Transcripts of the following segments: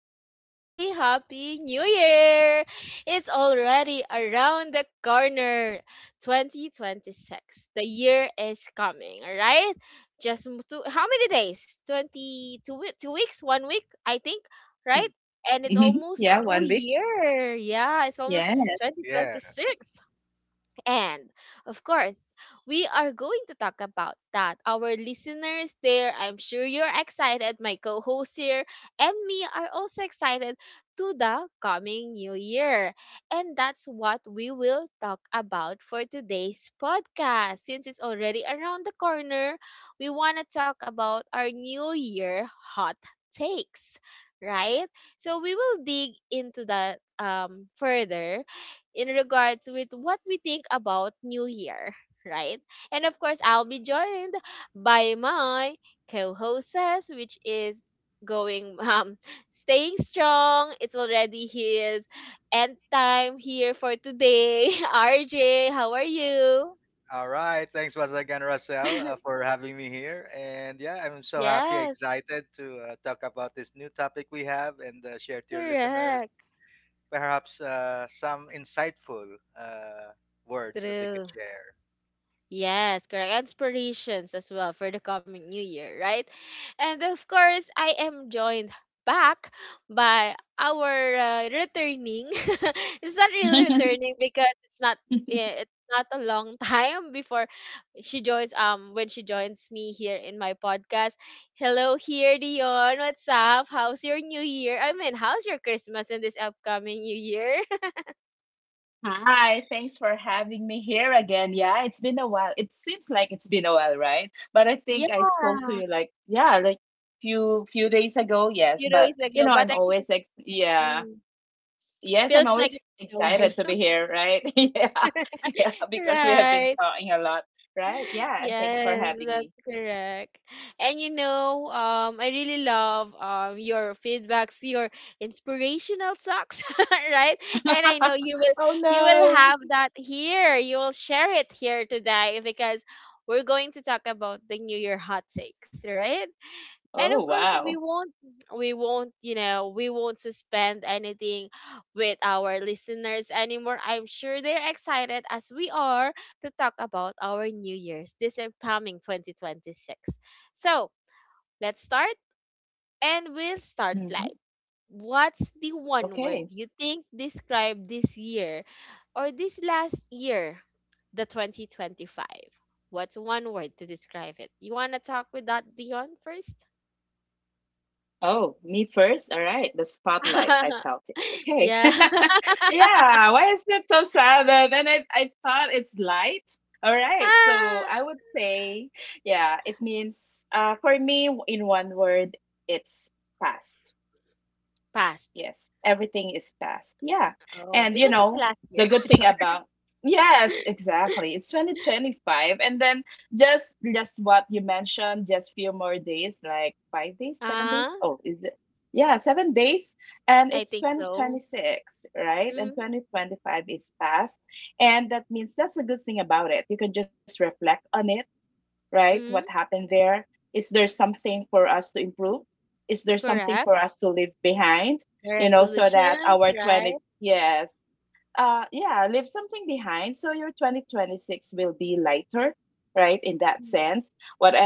and a happy, happy New Year. It's already around the corner. 2026. The year is coming, all right? How many days? Two weeks, one week, I think, right? And it's Mhm. almost Yeah, New 1 week. Year. Yeah, it's almost Yes. Yeah. 2026. And of course, we are going to talk about that. Our listeners there, I'm sure you're excited. My co host here and me are also excited to the coming new year. And that's what we will talk about for today's podcast. Since it's already around the corner, we want to talk about our new year hot takes, right? So we will dig into that further in regards with what we think about New Year, right? And of course, I'll be joined by my co-hostess, which is going staying strong. It's already his end time here for today. RJ, how are you? All right. Thanks once again, Russell, for having me here. And yeah, I'm so happy, Yes, excited to talk about this new topic we have, and share to your listeners correct. perhaps some insightful uh, words that we could True. share. Yes, correct. Inspirations as well for the coming new year, right? And of course, I am joined back by our returning. It's not really returning because it's not it's not a long time before she joins when she joins me here in my podcast. Hello here, Dion. What's up? How's your new year? I mean, how's your Christmas and this upcoming new year? Hi, thanks for having me here again. Yeah, it's been a while. It seems like it's been a while, right? But I think I yeah. spoke to you like, yeah, like few days ago, yes. Few But days you ago, know, but I'm I think always it's ex yeah. mm. Yes, I'm Feels like always it's been a excited to while. be here, right? Yeah. Yeah, because we have been Right. talking a lot, right? Yeah, and thanks for Yes, having that's me. correct. And you know, I really love your feedbacks, your inspirational talks, right? And I know you will Oh you will no. have that here. You will share it here today because we're going to talk about the New Year hot takes, right? And of Oh course, we wow. won't we won't you know, we won't suspend anything with our listeners anymore. I'm sure they're excited as we are to talk about our new year's, this upcoming 2026. So let's start, and we'll start like, Hmm. what's the one word Okay. you think describe this year, or this last year, the 2025? What's one word to describe it? You want to talk with that, Dion first? Oh, me first? All right. The spotlight. I felt it. Okay. Yeah. Yeah. Why is that so sad? Then I thought it's light. All right. So Ah, I would say, yeah, it means, for me, in one word, it's fast. past. Yes, everything is fast. Yeah. Oh, And, you because it's the know, last year. the good thing Char. about— Yes, exactly. It's 2025, and then just what you mentioned, just few more days, like 5 days, 7 Ah, days. Oh, is it? Yeah, 7 days, and I it's think so. 2026, right? And Mm, 2025 is past. And that means, that's a good thing about it. You can just reflect on it, right? What mm, happened there? Is there something for us to improve? Is there something for correct. us to leave behind? You know, so that Resolutions, our right? 20, yes, yeah, leave something behind, so your 2026 will be lighter, right, in that Mm, sense.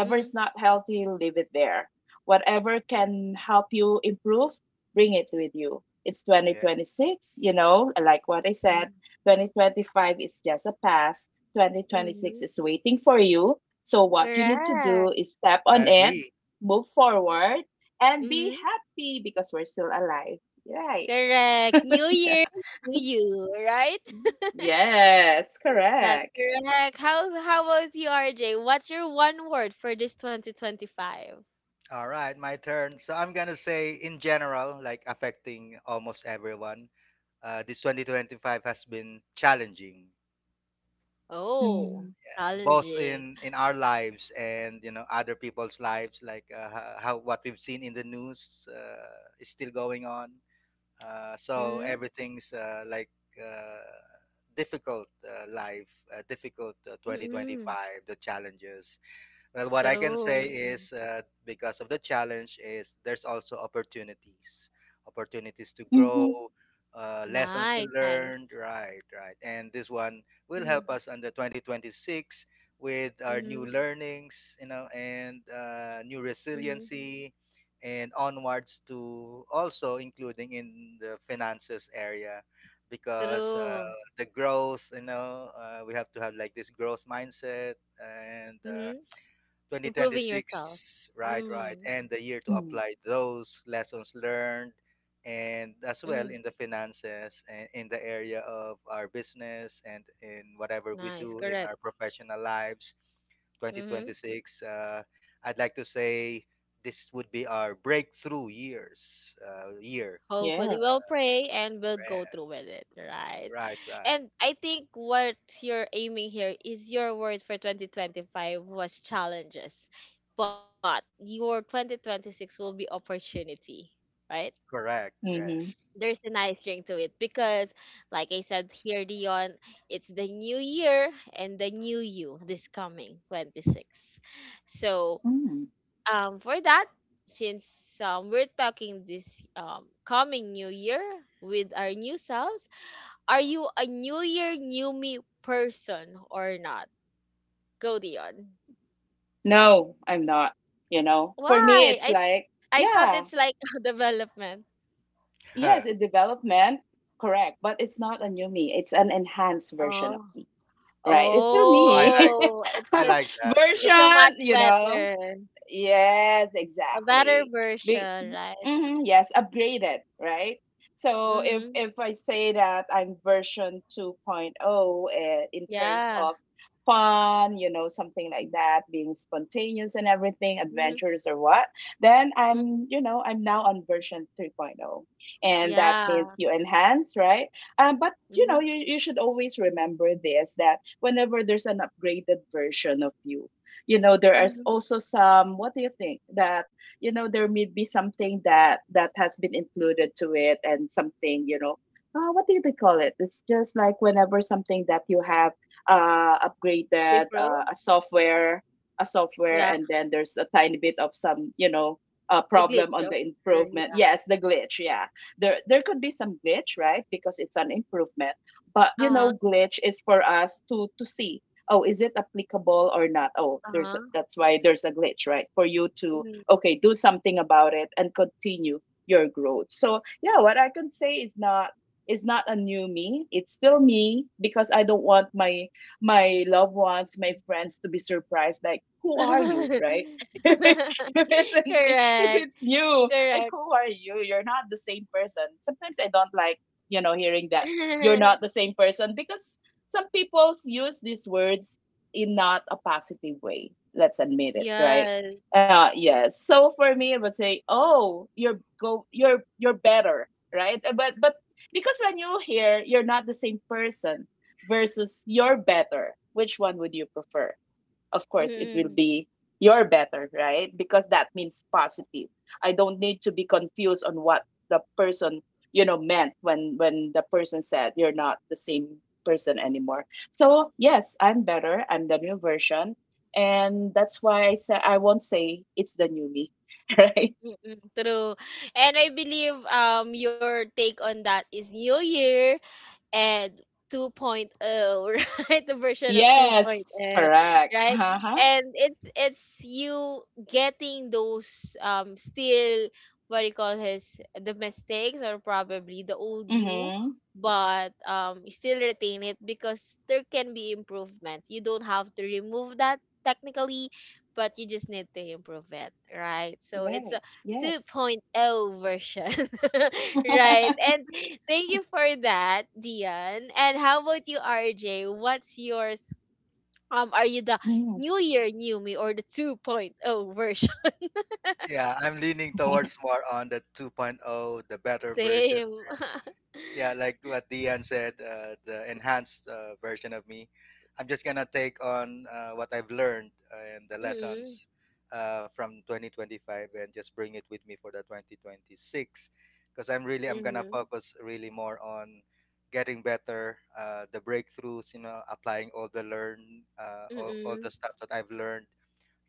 mm, not healthy, leave it there. Whatever can help you improve, bring it with you. It's Yeah, 2026. You know, like what I mm, said, 2025 is just a past. 2026 mm, is waiting for you. So what you need to do correct. is step I on it, agree. move forward, and be Mm, happy because we're still alive, right? correct. New year, new you, right? Yes, That's correct. correct. How about you, RJ? What's your one word for this 2025? All right, my turn. So I'm going to say, in general, like affecting almost everyone, this 2025 has been challenging, Mm. Oh, both challenging. in our lives and, you know, other people's lives, like how, what we've seen in the news, is still going on, so Mm, everything's like uh, difficult, life, difficult, mm, 2025, the challenges. Well, what I can say true. is, because of the challenge, is there's also opportunities, opportunities to grow, Mhm. Lessons to Nice, nice. learn. Right, right. And this one will Mhm, help us under 2026 with our new mhm, learnings, you know, and new mhm. resiliency, and onwards to, also including in the finances area, because True. the growth, you know, we have to have like this growth mindset. And. Mhm. Improving yourself. 2026, right, Mm, right, and the year to Mm. apply those lessons learned, and as mhm. well in the finances and in the area of our business and in whatever we Nice, do in our correct. professional lives. Mhm. 2026, I'd like to say this would be our breakthrough year. Hopefully, Yes. we'll pray and we'll go Right, through with it, right? right, right. And I think what you're aiming here is your word for 2025 was challenges, but your 2026 will be opportunity, right? Correct, Mhm. yes. There's a nice ring to it because like I said here, Dion, it's the new year and the new you this coming 26. So Mm. For that, since we're talking this coming new year with our new selves, are you a new year new me person or not? Go, Dion. No, I'm not. You know, for me, why it's i th- like, I thought yeah, it's like development. Oh, yes, a development, correct, but it's not a new me. It's an enhanced version of Oh. me, right? It's still I me. like Oh, it's i with. like that. It's a Right. version, much you know. better, Yes, a better exactly. Be- version, right? hmm. Yes, upgrade it, right? So if Mm-hmm. if I say that I'm version 2.0, in terms Yeah. of fun, something like that, being spontaneous and everything, Mm-hmm. adventurous or what, then I'm, Mm-hmm. you know, I'm now on version 3.0. And that means Yeah. you enhance, right? But you know, Mm-hmm. you, you should always remember this, that whenever there's an upgraded version of you, there is Mm-hmm. also some, what do you think, that, there may be something that has been included to it, and something, you know, what do they call it? It's just like whenever something that you have To upgraded, improve? A software, Yeah. and then there's a tiny bit of some, The problem glitch, on or the improvement. yeah. Yes, the glitch. Yeah, there could be some glitch, right? Because it's an improvement. But, you Uh-huh. know, glitch is for us to see. Oh, is it applicable or not? Oh, there's Uh-huh. that's why there's a glitch, right? For you to, Mm-hmm. okay, do something about it and continue your growth. So yeah, what I can say is not a new me. It's still me. Because I don't want my loved ones, my friends, to be surprised, like, who are you, right? if it's if Correct. it's you, like, Correct. who are you? You're not the same person. Sometimes I don't like, hearing that you're not the same person. Because some people use these words in not a positive way. Let's admit it, right? Yes. Yes. So for me, I would say, "Oh, you're go, you're better, right?" But because when you hear, you're not the same person versus you're better, which one would you prefer? Of course it will Mm-mm. be your better, right? Because that means positive. I don't need to be confused on what the person, meant when the person said you're not the same person anymore. So, yes, I'm better. I'm the new version. And that's why I say, I won't say it's the new me, right? Mm-mm. True. And I believe your take on that is New Year and 2.0, right? The version of 2.0, Yes, correct. right? Uh-huh. And it's you getting those still, what do you call his, the mistakes, or probably the old you, Mm-hmm. but you still retain it because there can be improvement. You don't have to remove that, technically, but you just need to improve it, right? So it's Right. Yes. 2.0 version. Right. Mm-hmm. And thank you for that, Dion. And how about you, RJ? What's yours? Are you the New Year New Me or the 2.0 version? Yeah, I'm leaning towards more on the 2.0, the better version. Same. Yeah, like what Dian said, the enhanced version of me. I'm just gonna take on what I've learned and the mm-hmm. lessons from 2025, and just bring it with me for the 2026, because I'm gonna Mm-hmm. focus really more on getting better, the breakthroughs, you know, applying all the all Mm-hmm. the stuff that I've learned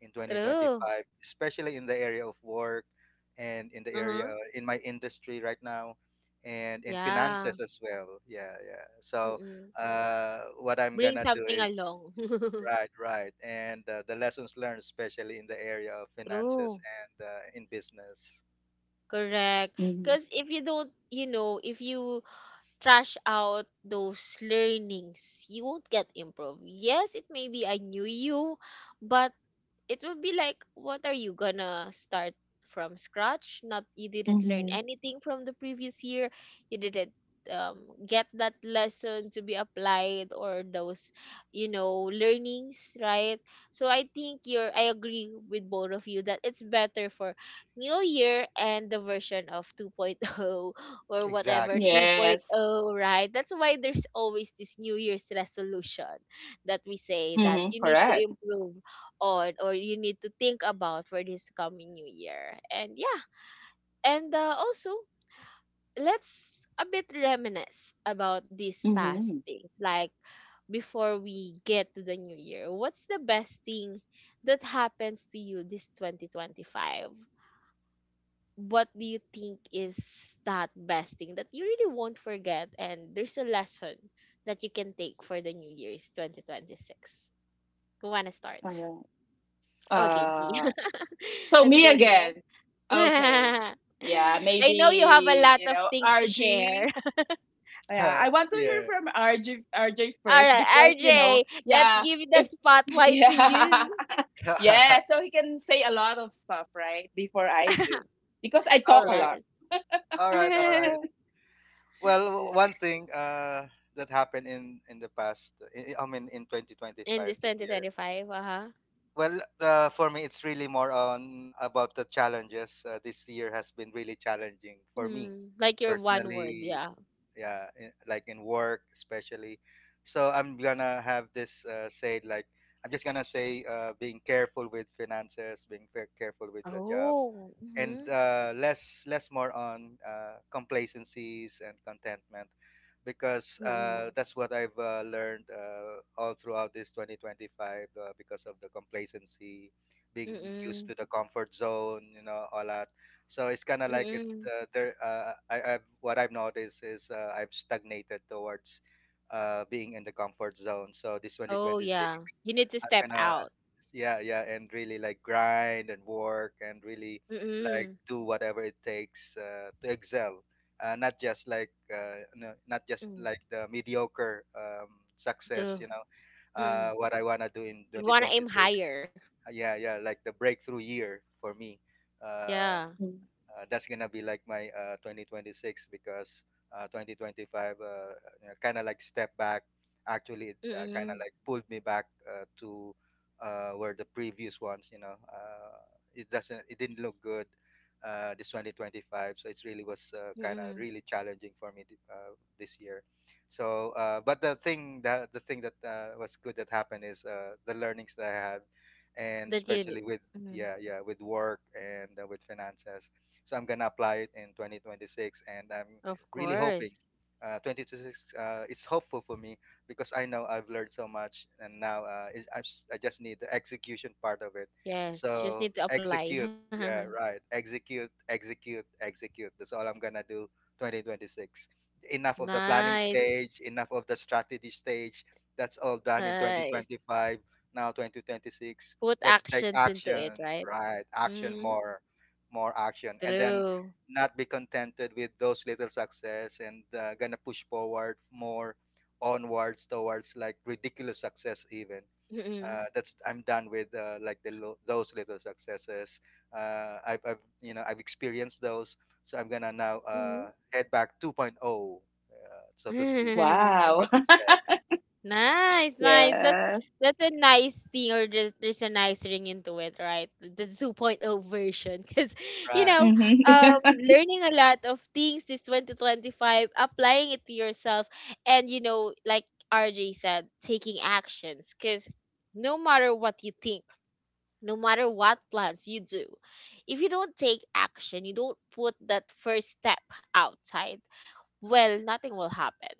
in True. 2025, especially in the area of work and in the Uh-huh. area in my industry right now, and in Yeah. finances as well. Yeah, yeah. So Mm-hmm. What I'm Bring gonna do something is along. right, right, and the lessons learned, especially in the area of finances True. and in business. Correct. Mm-hmm. Because if you don't, you know, if you trash out those learnings, you won't get improved. Yes, it may be I knew you, but it would be like, what are you gonna start from scratch? Not, you didn't learn anything from the previous year. You didn't, um, get that lesson to be applied, or those, you know, learnings, right? So I think you're, I agree with both of you that it's better for new year, and the version of 2.0 or whatever Exactly. 3.0, Yes. right? That's why there's always this new year's resolution that we say that Mm-hmm. you need to Correct. improve on, or you need to think about for this coming new year. And yeah, and also, let's a bit reminisce about these past Mhm. things like before we get to the new year. What's the best thing that happens to you this 2025? What do you think is that best thing that you really won't forget, and there's a lesson that you can take for the new year's 2026? Who wanna start? Alright. Okay, D. Uh, so Let's me go, D. again. Okay. I Yeah, know you have a maybe, lot of things to share. RG. Yeah, Huh, I want to hear yeah. from RG RJ All first. right, Because, RJ, let's yeah, give the if spotlight to yeah. you. Yeah, so he can say a lot of stuff, right? Before I do. Because I All talk a right. lot. All right. All yes. right. Well, one thing that happened in the past, I mean, in In 2025 this this year. 2025, uh huh. Well, for me, it's really more on about the challenges. This year has been really challenging for me Mm, like your one word, personally, yeah. yeah, in, like in work especially. So I'm gonna have this say, like, I'm just gonna say being careful with finances, being careful with the job, Oh. and Mm-hmm. Less less more on complacencies and contentment, because Mm-mm. that's what I've learned all throughout this 2025, because of the complacency, being used Mm-mm. to the comfort zone, you know, all that. So it's kind of like it's Mm-mm. the there. I've what I've noticed is I've stagnated towards being in the comfort zone. So this Oh, 2026, yeah. You need to I'm step gonna, out. yeah, yeah, and really like grind and work and really like Mm-mm. do whatever it takes to excel, not just like no, not just Mm. like the mediocre success, you True. know, Mm-mm. what I want to do in You want to aim 2026. higher. Yeah, yeah, like the breakthrough year for me, uh, Yeah. Mm. That's gonna be like my 2026, because 2025, you know, kind of like step back. Actually, it kind Mm-mm. of like pulled me back to where the previous ones, you know, it didn't look good. This 2025, so it really was kind of Mm-mm. really challenging for me this year. So, but the thing that was good that happened is the learnings that I had, and That you. especially with, Mm. yeah, yeah, with work and with finances, so I'm gonna apply it in 2026, and I'm Of really course. hoping. 2026, it's hopeful for me because I know I've learned so much, and now I just need the execution part of it. Yes, just So need to apply. execute, yeah, right. Execute, execute, execute. That's all I'm gonna do. 2026. Enough of the planning Nice, stage. Enough of the strategy stage. That's all done in nice. 2025. Now 2026. Put Let's take actions into it, action. right? Right, action Mm, more, more action, and then true. not be contented with those little success, and gonna push forward more onwards towards like ridiculous success even, Mm-mm. That's I'm done with like the those little successes. I've, you know, I've experienced those, so I'm gonna now Mhm. Head back 2.0, so to speak, like Wow. what you said. Nice, nice. That's Yes. that's a nice thing, or there's a nice ring into it, right? The 2.0 version, because you Right, know, Mhm. learning a lot of things this 2025, applying it to yourself, and you know, like RJ said, taking actions, because no matter what you think, no matter what plans you do, if you don't take action, you don't put that first step outside, well, nothing will happen.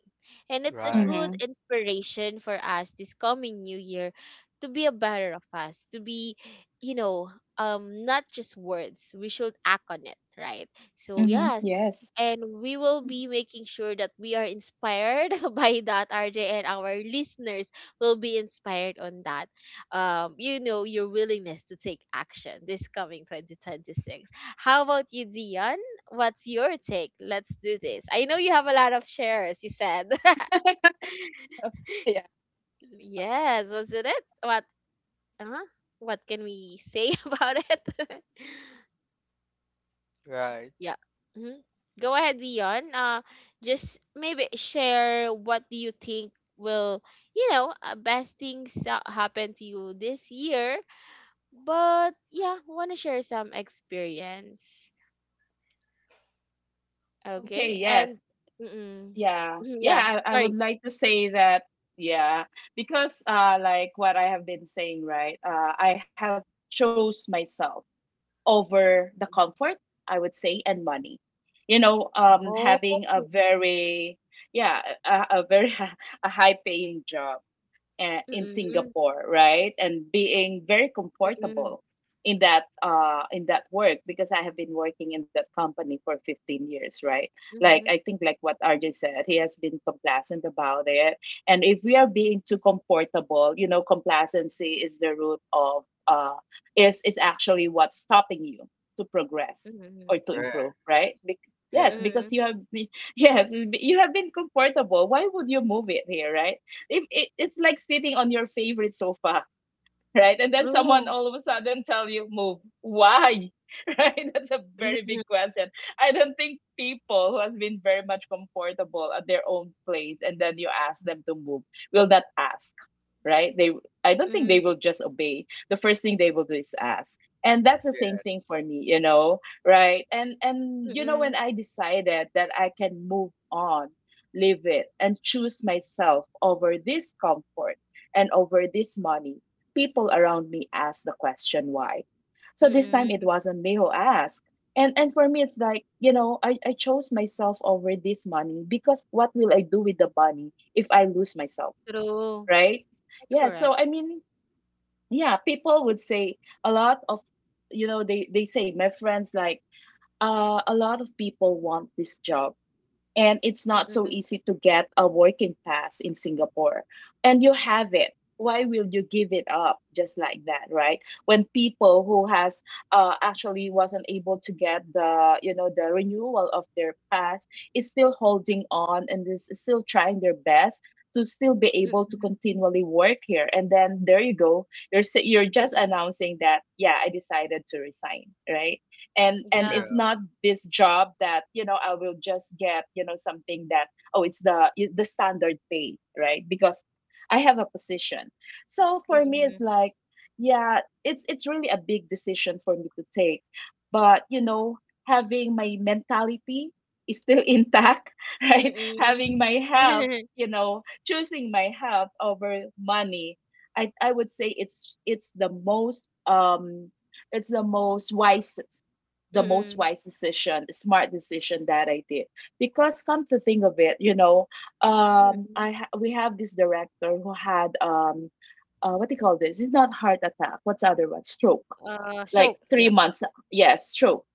And it's a right, good Mhm. inspiration for us this coming new year to be a better of us, to be, you know, not just words. We should act on it, right? So, Mhm. yes. Yes. And we will be making sure that we are inspired by that, RJ, and our listeners will be inspired on that. You know, your willingness to take action this coming 2026. How about you, Dion? What's your take? Let's do this. I know you have a lot of shares, you said. Yeah, talk a Yes, wasn't it? Uh, what can we say about it? right, yeah. Hmm. Go ahead, Dion. Just maybe share what do you think will, you know, best things that happen to you this year. But yeah, want to share some experience. lot. Okay, Okay? And yes. mm-mm. Yeah. yeah, Yeah, I would sorry. like to say that, yeah, because like what I have been saying, right? I have chose myself over the comfort, I would say, and money. You know, Oh. having a very, yeah, a very a high paying job, in Singapore, right? And being very Hmm, comfortable in that work, because I have been working in that company for 15 years, right? Like I mhm, think, like what RJ said, he has been complacent about it. And if we are being too comfortable, you know, complacency is the root of, is actually what's stopping you to hmm, progress or mm, to right. improve, right? Mm-hmm, Yes, Yes, mm-hmm, because mm-hmm. you have been yes, you have been comfortable. Why would you move it here, right? If it's like sitting on your favorite sofa, right? And then someone True. all of a sudden tell you move. Why? Right? That's a very big question. I don't think people who has been very much comfortable at their own place, and then you ask them to move, will not ask, right? They I don't think they Hmm. will just obey. The first thing they will do is ask. And that's the same thing yes. for me, you know, right? And when Hmm. I decided that I can move on, live it, and choose myself over this comfort and over this money, people around me asked the question, why. So this time it Hmm. wasn't me who asked. And for me it's like, you know, I chose myself over this money. Because what will I do with the money if I lose myself? True. Right? That's Yeah. So correct. I mean, yeah, people would say a lot of, you know, they say my friends, like, a lot of people want this job, and it's not so Hmm. easy to get a working pass in Singapore. And you have it. Why will you give it up just like that, right? When people who has, actually wasn't able to get the you know the renewal of their pass, is still holding on and is still trying their best to still be able to Hmm. continually work here. And then there you go. You're just Hmm. announcing that, yeah, I decided to resign, right? And Yeah, Yeah. it's not this job that, you know, I will just get, you know, something that, oh, it's the standard pay, right? Because I have a position. So for me it's Hmm. like, yeah, it's really a big decision for me to take. But, you know, having my mentality is still intact, right, Hmm. having my health, Hmm. you know, choosing my health over money, I would say it's the most wisest, the most wise decision, smart decision that I did. Because come to think of it, you know, Hmm. We have this director who had, what do you call this? It's not heart attack. What's the other one? Stroke. Like stroke. three Yeah. months. Yes, stroke.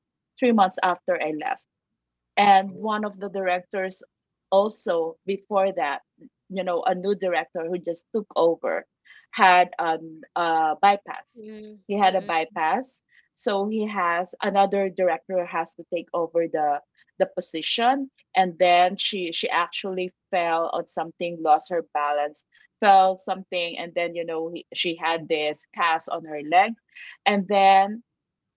3 months after I left. And oh, one of the directors, also before that, you know, a new director who just took over, had an, bypass. Mm, He had a mm, bypass. So he has another director has to take over the position. And then she actually fell on something, lost her balance, fell something, and then, you know, she had this cast on her leg. And then,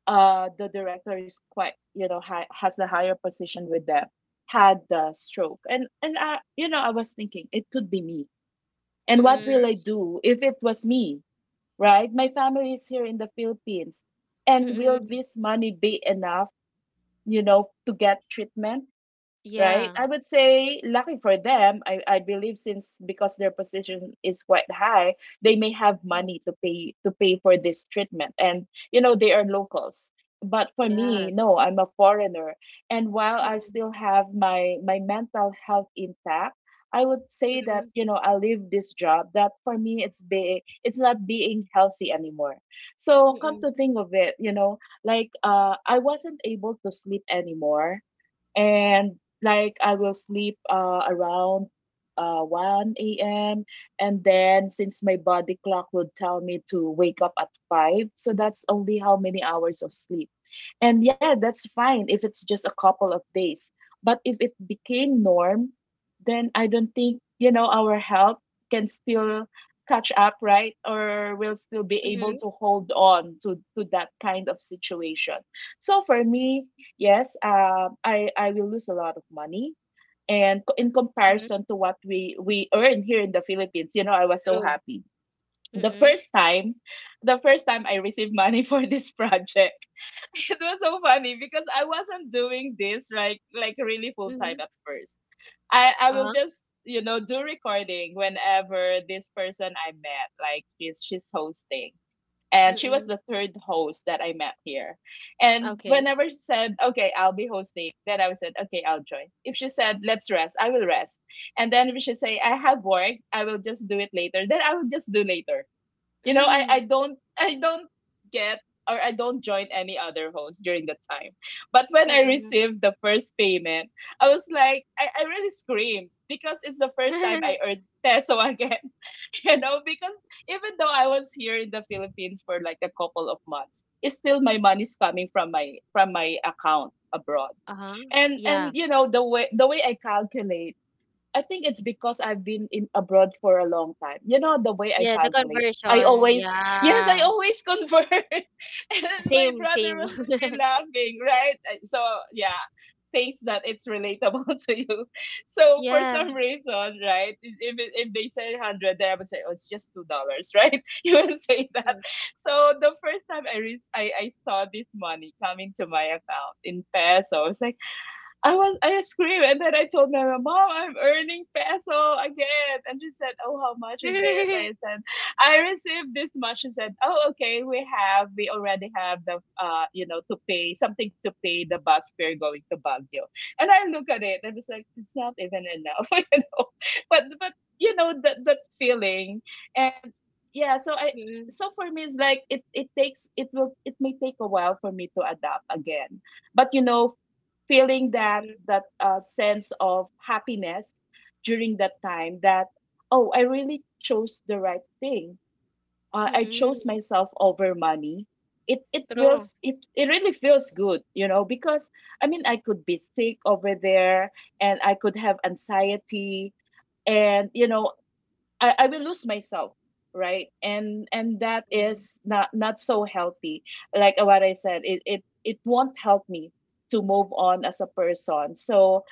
the director is quite, you know, high, has the higher position with them, had the stroke. And I, you know I was thinking, it could be me. And what mm, will I yes, do if it was me? Right? My family is here in the Philippines. And will mm, this money be enough, to get treatment? Right? yeah. I would say lucky for them. I believe, since because their position is quite high, they may have Mm, money to pay for this treatment. And, you know, they are locals. But for me, yes. no, I'm a foreigner. And while I Mm, still have my mental health intact, I would say that, mm, you know, I leave this job that, for me, it's not being healthy anymore. So come mm, to think of it, you know, like, I wasn't able to sleep anymore. And like, I will sleep, around, 1 a.m. And then since my body clock would tell me to wake up at 5, so that's only how many hours of sleep. And yeah, that's fine if it's just a couple of days. But if it became norm, then I don't think, you know, our health can still catch up, right? Or will still be able mm, to hold on to that kind of situation. So for me, yes, I will lose a lot of money, and in mm, comparison to what we earn here in the Philippines, you know, I was so true. happy. Mm, The mm, first time, the first time I received money for this project, it was so funny because I wasn't doing this like really full time mm, at first. I will uh-huh. just, you know, do recording whenever this person I met, like she's hosting, Mm, and she was mm, the third host that I met here. And okay. whenever she said, "Okay, I'll be hosting," then I said, "Okay, I'll join." If she said, "Let's rest," I will rest. And then if she say, "I have work," I will just do it later. Then I will just do later. I don't I don't get, or I don't join any other host during the time. But when Mm, I mm. received the first payment, I was like, I really screamed because it's the first time I earned peso again. You know, because even though I was here in the Philippines for like a couple of months, it's still my money's coming from my account abroad. Uh-huh. And Yeah. and you know, the way I calculate, I think it's because I've been in abroad for a long time. You know the way I Yeah, the calculate. I conversion. always yes, I Yeah. always convert. And then my Same, brother same. was really laughing, right? So yeah, things that it's relatable to you. So for Yeah. some reason, right? If they say hundred, then I would say, oh, it's just $2, right? You will say that. Mm. So the first time I saw this money coming to my account in pesos, I screamed and then I told my mom, "Mom, I'm earning peso again." And she said, "Oh, how much is it?" I said, "I received this much." She said, "Oh, okay, we already have the, you know, to pay the bus fare going to Baguio." And I look at it and it's like, it's not even enough, you know. But you know, that that feeling. And yeah, so I, Mm, mm, so for me it's like it takes, it will, it may take a while for me to adapt again, but you know, feeling mm, that, sense of happiness during that time that, oh, I really chose the right thing. I chose mm. myself over money. True. It really feels good, you know, because I mean, I could be sick over there and I could have anxiety, and you know, I will lose myself, right? And that Mm. is not so healthy. Like what I said, it won't help me to move on as a person. So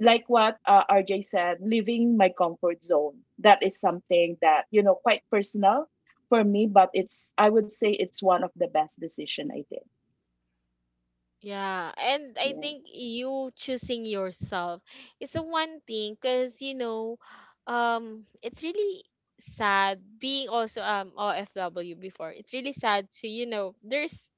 like what, RJ said, leaving my comfort zone, that is something that, you know, quite personal for me, but it's, I would say it's one of the best decision I did. Yeah, and I Yeah. think you choosing yourself is a one thing because you know, it's really sad being also OFW before. It's really sad to, you know, there's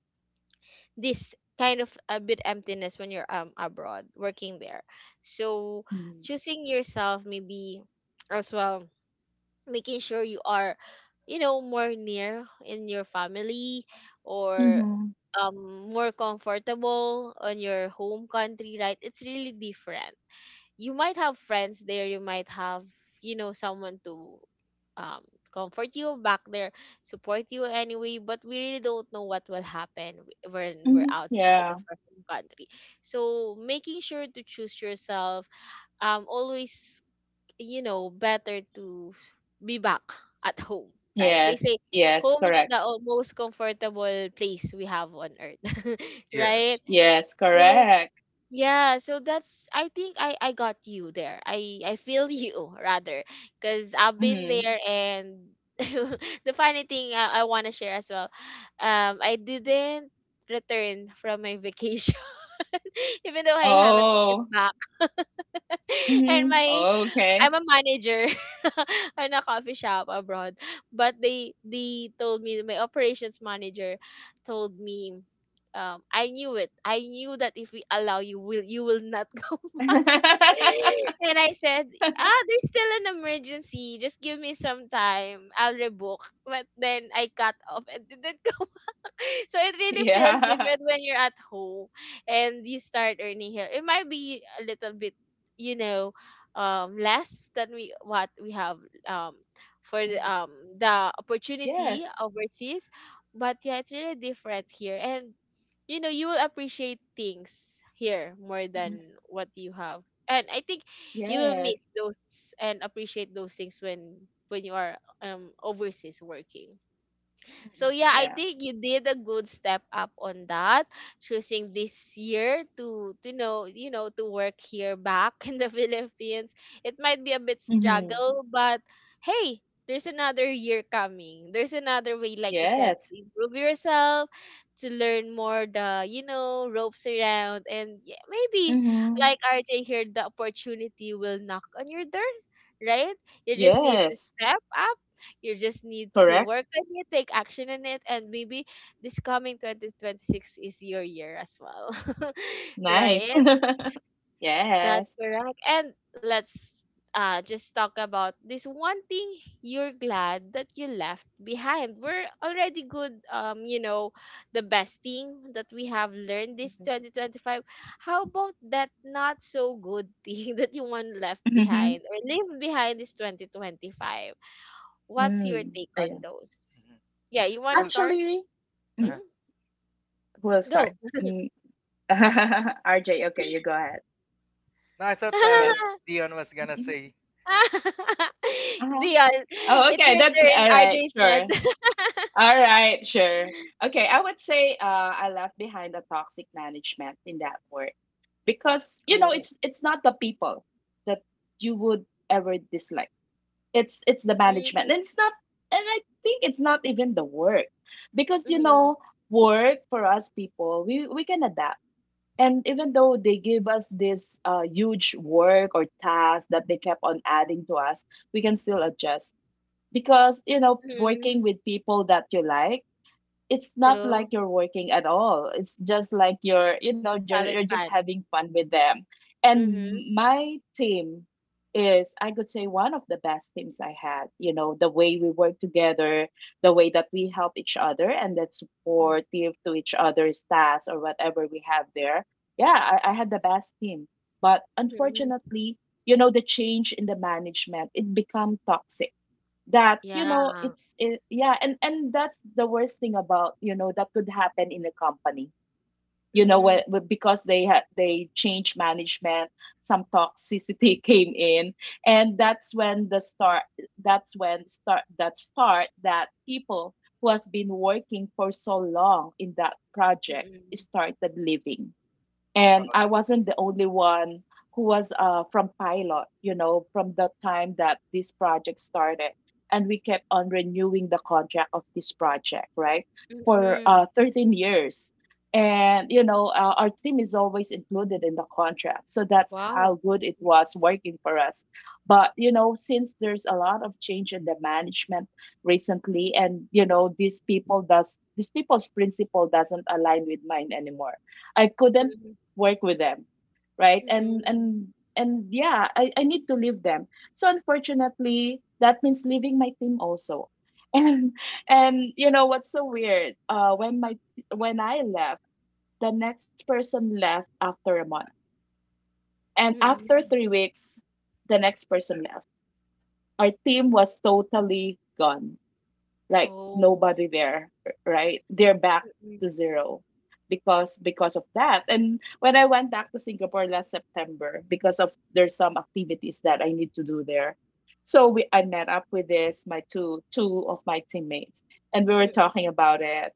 this kind of a bit emptiness when you're abroad working there, so Mm. choosing yourself, maybe, as well, making sure you are, you know, more near in your family, or Mm-hmm. More comfortable on your home country, right? It's really different. You might have friends there, you might have, you know, someone to um comfort you back there, support you anyway, but we really don't know what will happen when we're Hmm, outside of yeah. our home country. So making sure to choose yourself always, you know, better to be back at home, right? They Yes, say yes, home is correct. the most comfortable place we have on earth. Right? yes. Yes, So correct. yeah, so that's, I think I got you there. I feel you rather, cuz I've been Hmm. there and the funny thing I want to share as well. Um, I didn't return from my vacation even though I have a ticket Oh. back. And Mhm. my, Oh, okay. I'm a manager in a coffee shop abroad. But they told me, my operations manager told me, I knew it. I knew that if we allow, you will, you will not go. And I said, "Ah, there's still an emergency. Just give me some time. I'll rebook." But then I cut off and didn't go. So it really feels Yeah. different when you're at home, and you start earning here. It might be a little bit, you know, less than we what we have um for the Mhm. um the opportunity Yes. overseas, but yeah, it's really different here, and you know you will appreciate things here more Mhm. than what you have, and I think you will Yes. miss those and appreciate those things when when you are overseas working. So Mhm. yeah, I Yeah. think you did a good step up on that, choosing this year to know you know to work here back in the Philippines. It might be a bit Mhm. struggle, but hey, there's another year coming. There's another way, like you said, Yes. to improve yourself, to learn more the ropes around, and yeah, maybe Mhm. like RJ here, the opportunity will knock on your door, right? You just need to Yes. step up. You just need to Correct. work on it, take action on it, and maybe this coming 2026 is your year as well. Nice. Right? That's Yes. correct. And let's just talk about this one thing you're glad that you left behind. We're already good, the best thing that we have learned this Mhm. 2025. How about that not so good thing that you want left Mhm. behind or leave behind this 2025? What's your Mm. take Oh, yeah. on those? Mhm. Yeah, you want to Well, start? Actually, mm, Hmm? we'll start. Go. Mm. RJ, okay, you go ahead. no, I thought Yes. Dion was gonna Mhm. say, Uh-huh. Dion, Oh, it's okay. your That's turn, all RJ right. said. Sure. All right, sure. Okay, I would say, I left behind a toxic management in that work, because you Oh. know it's not the people that you would ever dislike. It's the management, Mm-hmm. And I think it's not even the work, because you Hmm. know work for us people, we can adapt. And even though they give us this, huge work or task that they kept on adding to us, we can still adjust, because you know, working with people that you like, it's not like True. you're working at all. It's just like you're, you know, It's you're having just fun. having fun with them. Mm-hmm. And my team is, I could say, one of the best teams I had. You know, the way we work together, the way that we help each other, and that supportive to each other's tasks or whatever we have there. Yeah, I had the best team, but Mm-hmm. unfortunately, you know, the change in the management, it become toxic, that you know Yeah. it's it, yeah, and that's the worst thing about, you know, that could happen in a company, Mm-mm. Because they change management, some toxicity came in. And that's when the start that start that people who has been working for so long in that project Mm-mm. started leaving. "Oh, And I that's wasn't the only one who was, from pilot, you know, from the time that this project started. And we kept on renewing the contract of this project, right, for, Mm-mm. 13 years. And, you know, our team is always included in the contract. So that's Wow. how good it Mm-mm. was working for us. But, you know, since there's a lot of change in the management recently, and, you know, these people's principle doesn't align with mine anymore. I couldn't Mm-mm. work with them, right? and Mm-mm. and and yeah, I need to leave them, so unfortunately that means leaving my team also. and and you know what's so weird, when I left, the next person left after a month, and after Mm-mm. 3 weeks the next person left. Our team was totally gone, like Oh. nobody there, right? They're back to Mm-mm. zero, because of that. And when I went back to Singapore last September, because of there's some activities that I need to do there, so we I met up with this, my two of my teammates, and we were talking Mm-mm. about it.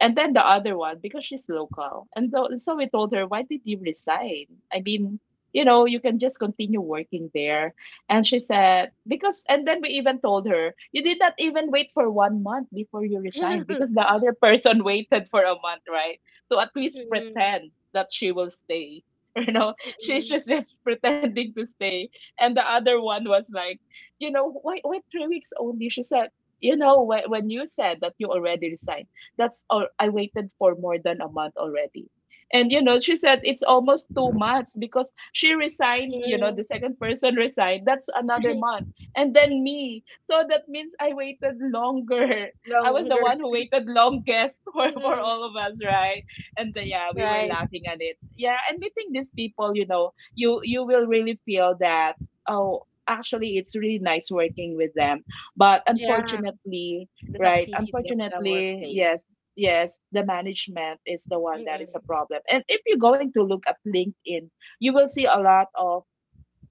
And then the other one, because she's local, and so we told her, "Why did you resign? I mean, you know, you can just continue working there." And she said, because, and then we even told her, you did not even wait for 1 month before you resigned, because the other person waited for a month, right? To at least Mm-mm. pretend that she will stay. You know, she's Mm-mm. just, just pretending to stay. And the other one was like, you know, why 3 weeks only? She said, you know, when you said that you already resigned, that's all, I waited for more than a month already. And you know, she said it's almost 2 months, because she resigned, you know, the Mm-mm. second person resigned, that's another month. And then me. So that means I waited longer. I was the Longer. one who waited longest for Mm-mm. all of us, right? And the, yeah, we were Right. laughing at it. Yeah, and we think these people, you know, you will really feel that, oh, actually it's really nice working with them. But Yeah. unfortunately, The right? toxicity of the Unfortunately, workplace. yes, yes, the management is the one that is a Mm-mm. problem. And if you're going to look at LinkedIn, you will see a lot of,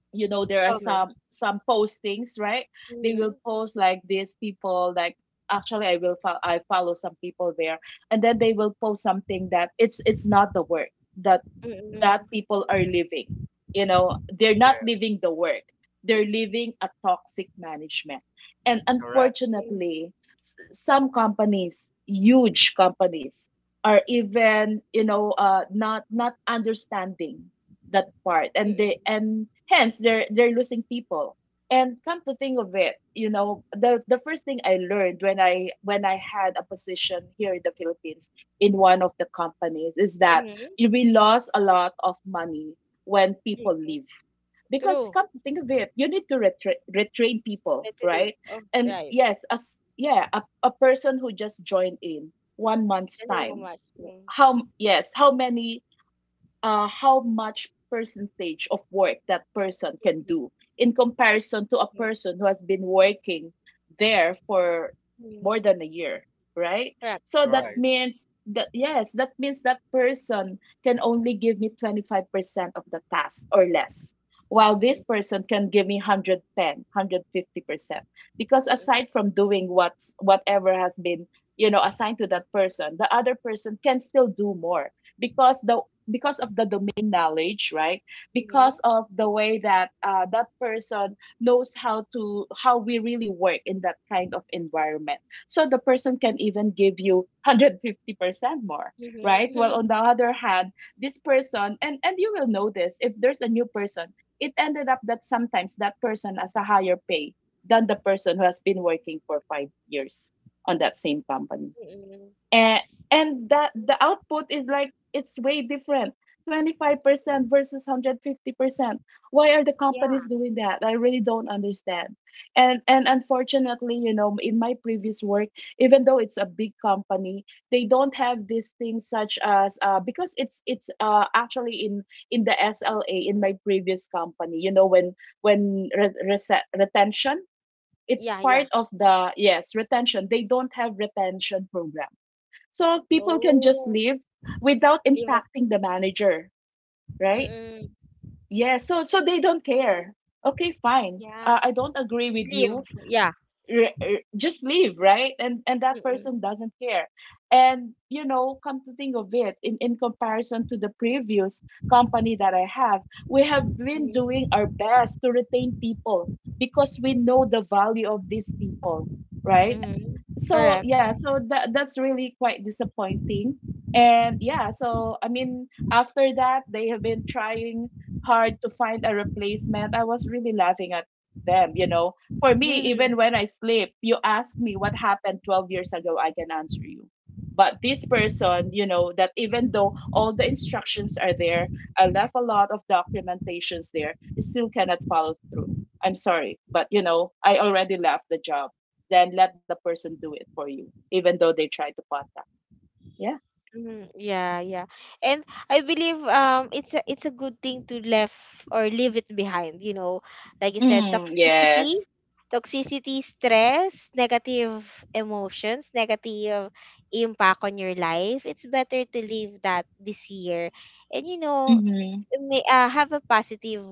you know, there are Common. Some postings, right? They will Mm-hmm. post like these people, like actually I will I follow some people there, and then they will post something that it's not the work that, Mm-mm. that people are living. You know, they're not yeah, living the work, they're living a toxic management. And correct, Mm-mm. unfortunately, some companies, huge companies, are even not understanding that part, and Mm-mm. they and hence they're losing people. And come to think of it, the first thing I learned when I had a position here in the Philippines in one of the companies is that Mm-hmm. we lost a lot of money when people Mm-mm. leave, because True. come to think of it, you need to retrain people, That's a date. right? Oh, and right. yes as yeah a, a person who just joined in 1 month's Doesn't know time, much. Mm. how yes how many, how much percentage of work that person can do Mm-mm. in comparison to a person who has been working there for more Mm-mm. than a year, right? Correct. So that right, Mm-mm. means that, that means that person can only give me 25% of the task or less, while this Mm-hmm. person can give me 110 percent, because Mm-mm. aside from doing what's whatever has been, assigned to that person, the other person can still do more because the because of the domain knowledge, right? Mm-hmm. Because of the way that that person knows how to, how we really work in that kind of environment. So the person can even give you 150% more, right? Well, Mm-hmm. on the other hand, this person, and you will know this if there's a new person, it ended up that sometimes that person has a higher pay than the person who has been working for 5 years on that same company. Mm-mm. and and that the output is like, it's way different. 25% Mm-mm. versus 150%. Why are the Yeah. companies doing that? I really don't understand. And unfortunately, in my previous work, even though it's a big company, they don't have these things such as, because it's actually, in the sla in my previous company, when retention, it's Yeah, yeah. part of the, retention, they don't have retention program. So people can just Oh, leave without leave us. impacting the manager, right? Mm-mm. Yeah, so they don't care. Okay, fine, Yeah. I don't agree Just with leave. you. Yeah. Just leave, right? And that Mm-mm. person doesn't care. And come to think of it, in comparison to the previous company that I have, we have been doing our Mm-hmm. best to retain people because we know the value of these people, right? Mm-hmm. So Correct. yeah, so that's really quite disappointing. And yeah, so I mean, after that, they have been trying hard to find a replacement. I was really laughing at them, for me, even when I sleep, you ask me what happened 12 years ago, I can answer you. But this person, that even though all the instructions are there, I left a lot of documentations there, still cannot follow through. I'm sorry, but I already left the job. Then let the person do it for you, even though they try to contact. Yeah. Mm, yeah, yeah. And I believe it's a good thing to left or leave it behind. Like you said, Mm, toxicity, yes. toxicity, stress, negative emotions, negative impact on your life. It's better to leave that this year. And Mm-hmm. may have a positive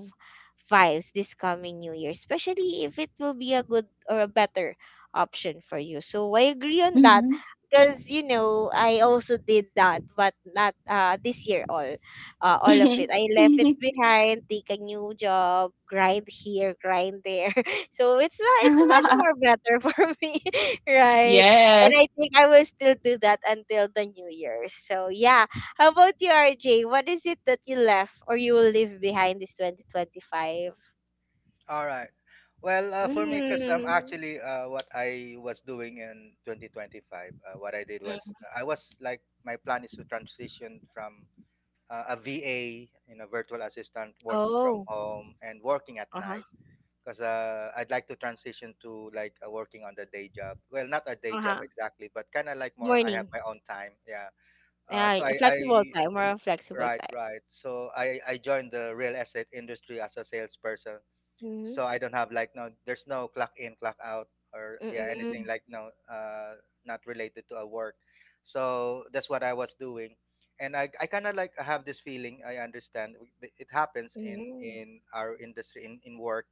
vibes this coming new year, especially if it will be a good or a better option for you. So I agree on that Mm-hmm. because you know I also did that, but not this year all of it. I left it Mm-hmm. behind, take a new job, grind here, grind there. So it's it's much more better for me, right? And I Yes. think I will still do that until the new year. So yeah, how about you, RJ? What is it that you left or you will leave behind this 2025? all right." Well, for me, because I'm Mm. actually what I was doing in 2025. What I did Mm. was, I was like, my plan is to transition from a VA, you know, virtual assistant, working from Oh, home and working at uh huh, night. Because I'd like to transition to like working on the day job. Well, not a day uh job huh. exactly, but kind of like more. I have Morning. my own time. Yeah. Yeah, So a I flexible time. Right, right. So I joined the real estate industry as a salesperson. Mm-hmm. So I don't have like no, there's no clock in, clock out, or yeah, anything Mm-hmm. like no, not related to a work. So that's what I was doing, and I kind of like have this feeling. I understand it happens Mm-hmm. in our industry in work,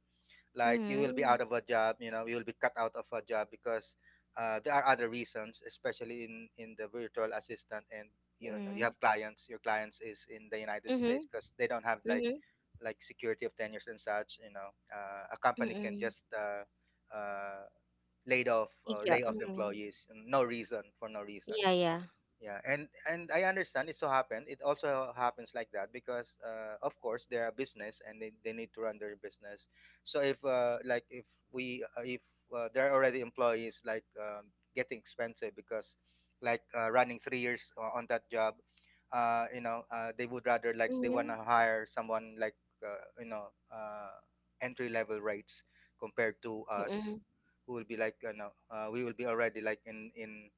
like you will be Mm-hmm. out of a job, you know, you will be cut out of a job, because there are other reasons, especially in the virtual assistant, and you know, Mm-hmm. you have clients, your clients is in the United Mm-hmm. States, because they don't have like Mm-hmm. like security of tenures and such, you know, a company can Mm-hmm. just uh, laid off or Yeah. lay off Mm-hmm. employees, no reason, for no reason. Yeah, yeah. Yeah, and I understand, it so happened. It also happens like that because, of course, they're a business, and they need to run their business. So if like if we if there are already employees like, getting expensive because like running 3 years on that job, you know, they would rather like, they Mm-hmm. wanna hire someone like you know, entry level rates compared to Mm-hmm. us, who will be like, you know, we will be already like in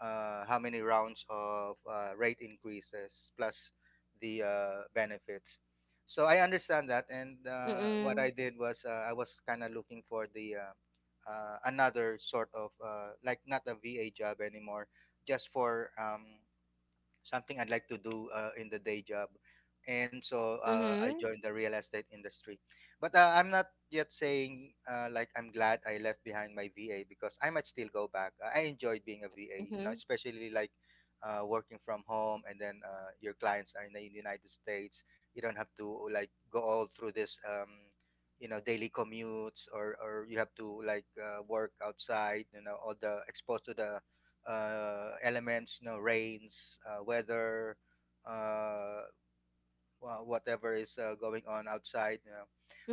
how many rounds of rate increases, plus the benefits. So I understand that, and what Mm-hmm. I did was I was kind of looking for the another sort of like not a VA job anymore, just for something I'd like to do in the day job. And so I Mm-hmm. joined the real estate industry. But I'm not yet saying like I'm glad I left behind my VA, because I might still go back. I enjoyed being a VA, you know, Mm-hmm. especially like working from home, and then your clients are in the United States. You don't have to like go all through this, you know, daily commutes, or you have to like work outside, you know, all the exposed to the elements, you know, rains, weather, uh, whatever is going on outside. You know.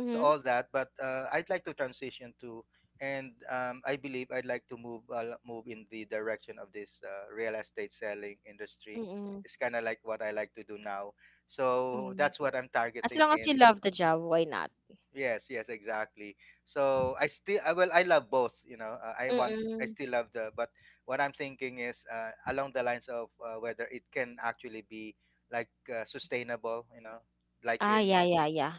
So all that, but I'd like to transition to, and I believe I'd like to move in the direction of this real estate selling industry. Mm-hmm. It's kind of like what I like to do now. So Mm-hmm. that's what I'm As targeting long as you in. love the job, why not? Yes, yes, exactly. So I still, I, well, I love both. You know, I want, I Mm-mm. still love the, but what I'm thinking is along the lines of whether it can actually be like sustainable. You know, like Ah, in yeah, in yeah, yeah.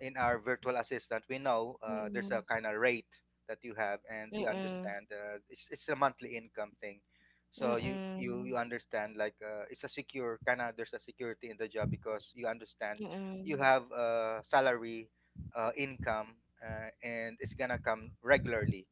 in our virtual assistant, we know there's Mm. a kind of rate that you have, and you Mm, understand it's a monthly income thing. So you you mm, you understand it's a secure kind of, there's a security in the job because you understand you mm. have a salary, income, and it's gonna come regularly,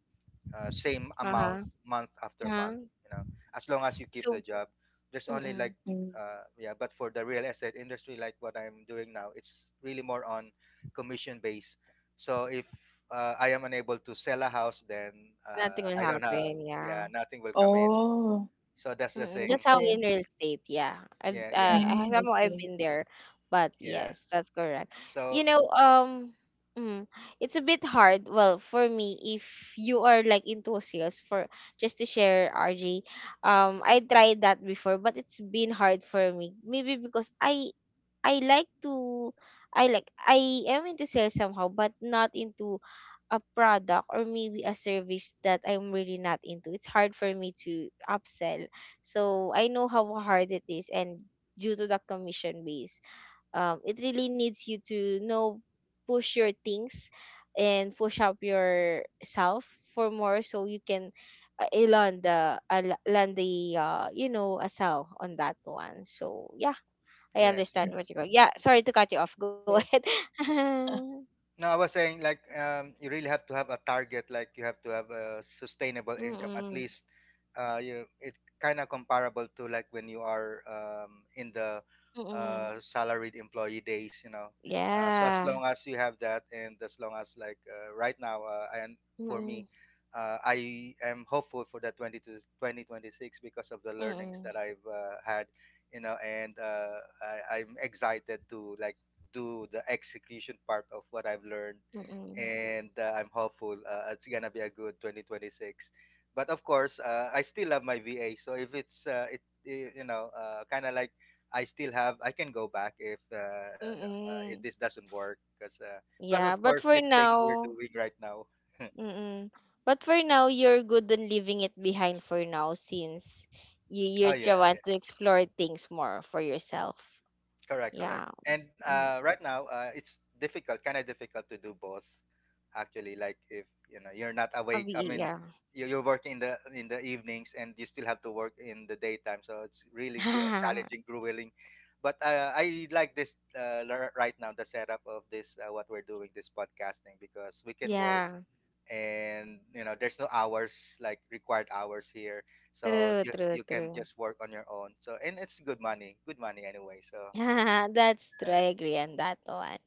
same amount Uh-huh, month after uh-huh. month, you know, as long as you keep the So job. There's only like mm, Mm. Yeah, but for the real estate industry like what I'm doing now, it's really more on commission base. So if I am unable to sell a house, then nothing will I don't have, happen, yeah. yeah, nothing will come in. Oh, So that's the Mm, thing. that's how in okay. real estate, yeah. I've, Yeah, uh, yeah, I- Mm, I somehow I've see. been there, but yeah. yes, that's correct. So You know, um, mm, it's a bit hard. Well, for me, if you are like into sales, for just to share, RJ, I tried that before, but it's been hard for me. Maybe because I like to I like I am into sales somehow, but not into a product or maybe a service that I'm really not into. It's hard for me to upsell. So I know how hard it is and due to the commission base. It really needs you to know push your things and push up yourself for more so you can land the a sell on that one. So yeah, I yes, understand Mm, I what yes. you're going. Yeah, sorry see. to cut you off. Go ahead. Okay. No, I was saying like you really have to have a target. Like you have to have a sustainable income at Mm-mm. least. You, it kind of comparable to like when you are in the Mm-mm. Salaried employee days. You know, so as Yeah. long as you have that, and as long as like right now, and for Mm-mm. me, I am hopeful for the twenty to twenty twenty six because of the Mm-mm. learnings that I've had. You know, and I'm excited to like do the execution part of what I've learned, Mm-mm. and I'm hopeful it's gonna be a good 2026. But of course, I still love my VA. So if it's kind of like, I still have, I can go back if if Mm-mm. this doesn't work. Because plus, Yeah, of but course, for this thing we're now, doing right now. mm-mm. But for now, you're good on leaving it behind for now since you you Oh yeah. try- want to explore things more for yourself. Correct, correct. Yeah. And Mm. Right now, it's difficult, kind of difficult to do both. Actually, like if you know you're not awake, I mean, Yeah. You're working in the evenings, and you still have to work in the daytime, so it's really challenging, grueling. But I like this right now the setup of this what we're doing, this podcasting, because we can work, Yeah. and you know there's no hours like required hours here, so True, you true, you can true. just work on your own, so, and it's good money, good money, anyway. So That's true. yeah. I agree on that one.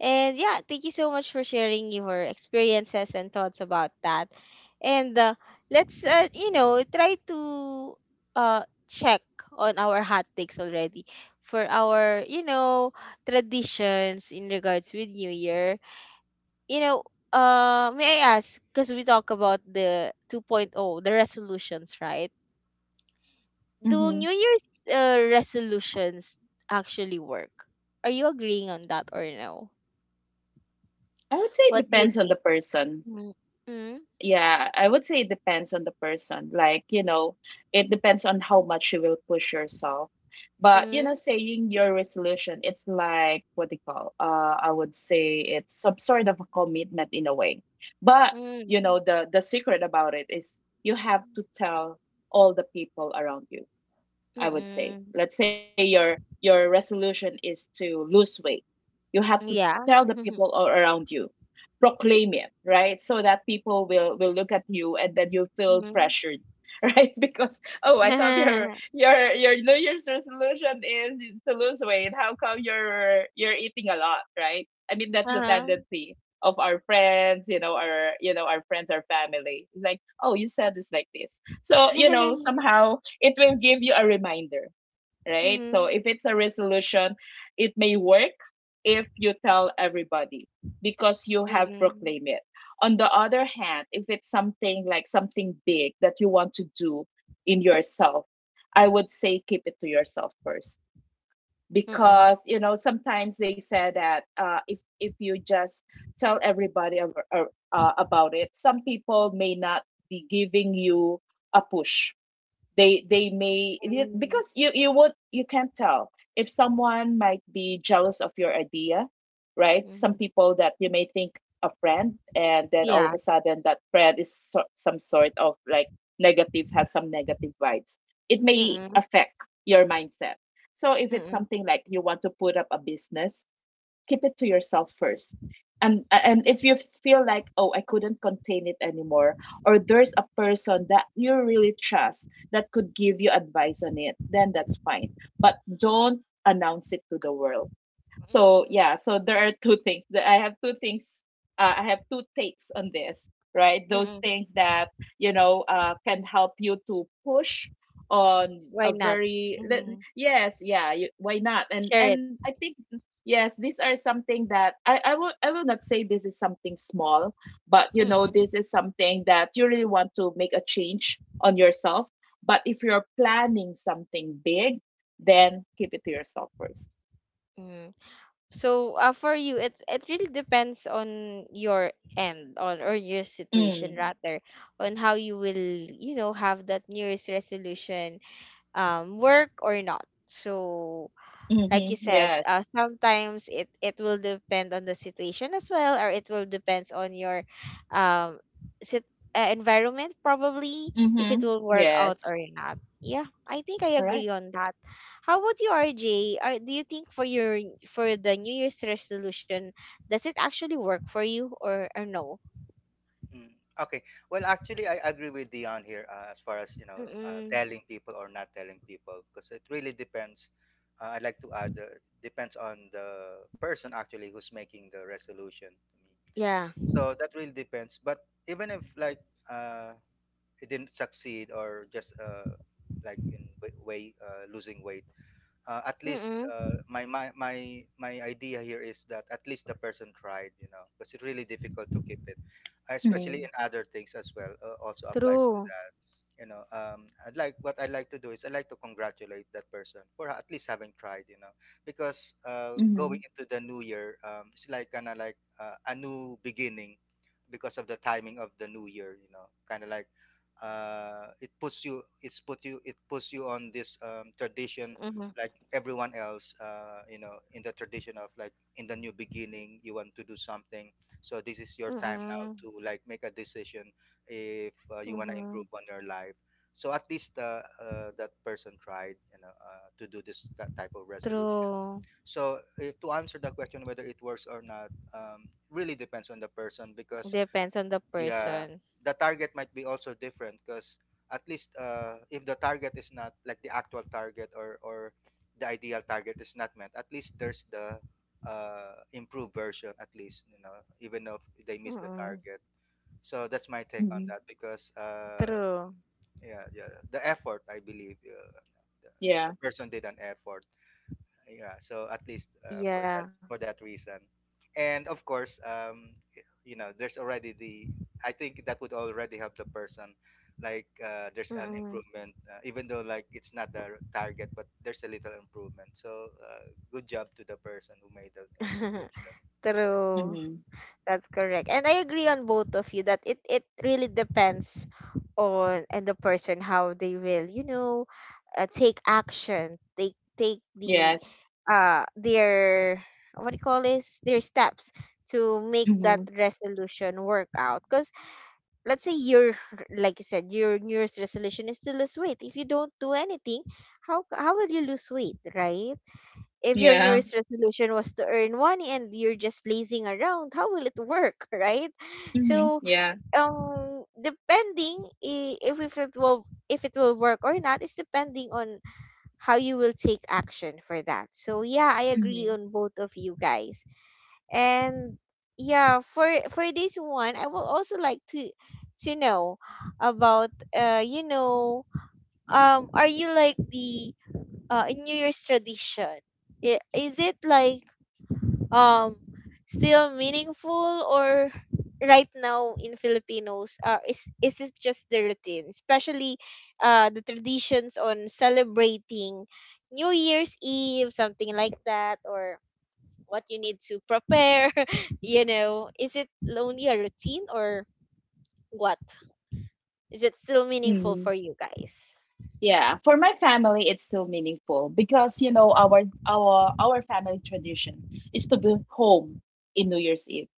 And yeah, thank you so much for sharing your experiences and thoughts about that. And let's try to uh, check on our hot takes already for our traditions in regards with New Year. You know, may I ask, because we talk about the 2.0, the resolutions, right? Do Mm-hmm. New Year's resolutions actually work? Are you agreeing on that or no? I would say it What do you depends on the think? person. Mm, mm, Yeah, I would say it depends on the person. Like, it depends on how much you will push yourself. But, mm, saying your resolution, it's like what they call, I would say it's some sort of a commitment in a way. But, mm, mm. The secret about it is you have to tell all the people around you, I would say. Mm. Let's say your resolution is to lose weight. You have to Yeah. tell the people all around you, proclaim it, right? So that people will look at you and then you feel Mhm. pressured, right? Because, oh, I thought your your New Year's resolution is to lose weight. How come you're eating a lot, right? I mean, that's the Uh-huh. tendency of our friends, our, our friends, our family. It's like, oh, you said this like this. So somehow it will give you a reminder, right? So Hmm. if it's a resolution, it may work if you tell everybody, because you Hmm. have Hmm. proclaimed it. On the other hand, if it's something like something big that you want to do in yourself, I would say keep it to yourself first, Mm-mm. because sometimes they say that, if you just tell everybody, about it, some people may not be giving you a push. Mm-mm. Because you would, you can't tell if someone might be jealous of your idea, right? Some Mhm. people that you may think a friend, and then all of a Yes. sudden that friend is, so some sort of like negative, has some negative vibes, it may Hmm. affect your mindset. So if Hmm. Hmm. it's Mm. something like you want to put up a business, keep it to yourself first. And if you feel like, oh, I couldn't contain it anymore, or there's a person that you really trust that could give you advice on it, then that's fine, but don't announce it to the world. So yeah, so there are two things. I have two takes on this, right? Those things that, can help you to push on Why a not? very Hmm. yes, yeah. You, why not? And Share it. and I think, yes, these are something that I will, I will not say this is something small, but Mm-mm. this is something that you really want to make a change on yourself. But if you're planning something big, then keep it to yourself first. Mm. So, for you, it really depends on your end on or your situation Mm. rather on how you will have that New Year's resolution work or not. So, Mhm, like you said, yes. Sometimes it will depend on the situation as well, or it will depends on your um sit, environment probably if it Mhm, will work out yes. or not. Yeah, I think I agree Correct. on that. How about you, RJ? Do you think for your for the New Year's resolution, does it actually work for you or no? Mm. Okay. Well, actually, I agree with Dion here, as far as you know, Mm-mm. telling people or not telling people, because it really depends. I'd like to add, depends on the person actually who's making the resolution to me. Yeah. So that really depends. But even if like uh, it didn't succeed, or just like in way losing weight, at least, Mm-mm. my idea here is that at least the person tried, you know, because it's really difficult to keep it. Mm, Especially in other things as well, also applies to True. that, you know. I'd like What I like to do is, I like to congratulate that person for at least having tried, you know, because mhm, going into the new year, it's like a new beginning, because of the timing of the new year, you know, kind of like it puts you on this tradition Mm-hmm. like everyone else, you know, in the tradition of like, in the new beginning you want to do something. So this is your time Mm-mm. now to like make a decision if you want to Mm-hmm. improve on your life. So at least that person tried, you know, to do this that type of resolution. True. So if, to answer the question whether it works or not, really depends on the person because, Depends on the yeah, person. the target might be also different because at least, if the target is not like the actual target, or the ideal target is not met, at least there's the improved version, at least, you know, even if they miss the Mm-mm. target. So that's my take on mhm, that because True. yeah, yeah, the effort, I believe, the, yeah, the person did an effort, yeah. So at least for Yeah. that, for that reason, and of course, you know there's already the, I think that would already help the person, like, there's an Mm-mm. improvement, even though like it's not the target, but there's a little improvement. So good job to the person who made the resolution. True. mhm, That's correct. And I agree on both of you that it really depends on and the person how they will take action, take take the yes, their what do you call this? Their steps to make that mhm, resolution work out. Cause. Let's say your like you said your New Year's resolution is to lose weight, if you don't do anything, how will you lose weight, right? If your New yeah, Year's resolution was to earn money and you're just lazing around, how will it work, right? mhm, So, yeah, depending, if it will work or not, is depending on how you will take action for that. So yeah, I agree mhm, on both of you guys. And yeah, for this one, I would also like to know about, uh you know are you like the New Year's tradition? Is it like um still meaningful, or right now in Filipinos, is it just the routine, especially the traditions on celebrating New Year's Eve, something like that, or what you need to prepare? Is it lonely a routine, or what? Is it still meaningful mhm. for you guys? Yeah, for my family, it's still meaningful because our our family tradition is to be home in New Year's Eve,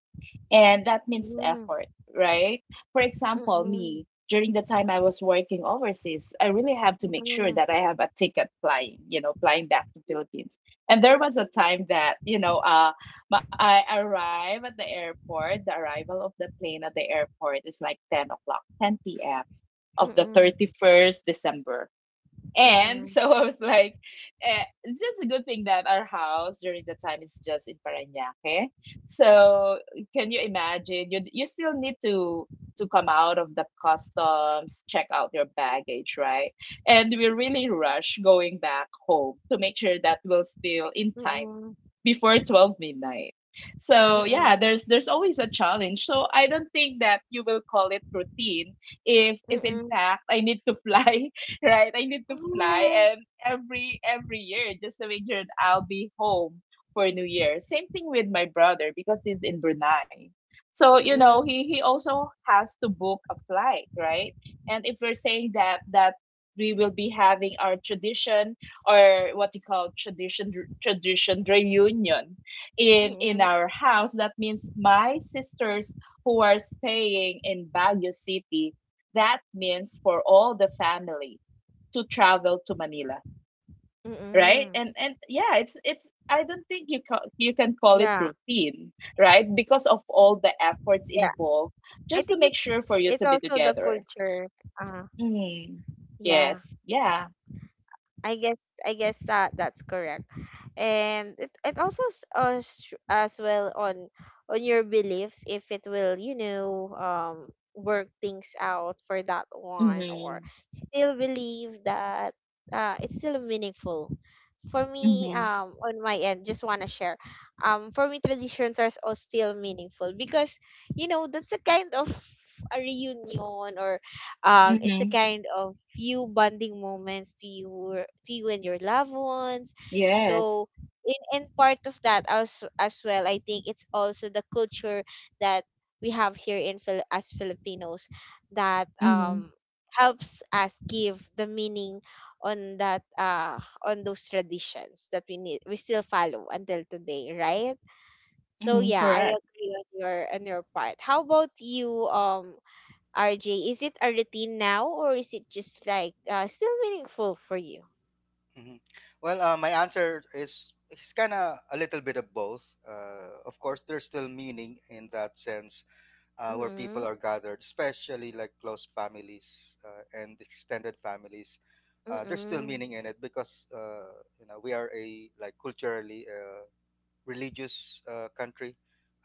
and that means Mm, effort, right? For example, mm-mm, me, during the time I was working overseas, I really have to make sure that mm-mm, I have a ticket flying, flying back to Philippines. And there was a time that, I arrive at the airport. The arrival of the plane at the airport is like 10 o'clock, 10 p.m. of the mm-mm, 31st December, and mm-mm, so I was like, eh, it's just a good thing that our house during the time is just in Parañaque. So can you imagine? You still need to come out of the customs, check out your baggage, right? And we really rush going back home to make sure that we're still in time before 12 midnight. So yeah, there's always a challenge. So I don't think that you will call it routine if mm-mm, in mm-mm, fact I need to fly right? I need to fly mm-mm. and every year just to make sure that I'll be home for New Year. Same thing with my brother, because he's in Brunei. So, Yeah. Mm-mm, he also has to book a flight, right? And if we're saying that we will be having our tradition, or what you call tradition, reunion in in mm-mm, our house, that means my sisters who are staying in Baguio City, that means for all the family to travel to Manila, right? And mm-mm. and yeah, it's I don't think you you can call it Yeah, routine, right? Because of all the efforts yeah, involved I just to think make it's sure for you it's to be also the together. culture, uh Mm. yeah. Yes. Yeah. I guess, that that's correct, and it also as well on your beliefs, if it will work things out for that one, or Mhm. still believe that it's still meaningful. For me, Mhm. On my end, just wanna share, for me, traditions are all still meaningful, because that's a kind of a reunion, it's a Mhm. kind of few bonding moments to you and your loved ones, Yes. so in and part of that, as well, I think it's also the culture that we have here in as Filipinos, that Mhm. Helps us give the meaning on that on those traditions that we still follow until today, right? So Mhm. yeah, I Correct. agree on your part. How about you, RJ? Is it a routine now, or is it just like still meaningful for you? hmm well, my answer is, it's kind of a little bit of both. Of course there's still meaning in that sense, where people Mm-mm, are gathered, especially like close families, and extended families. There's still mm-mm, meaning in it because, you know, we are a like culturally religious country.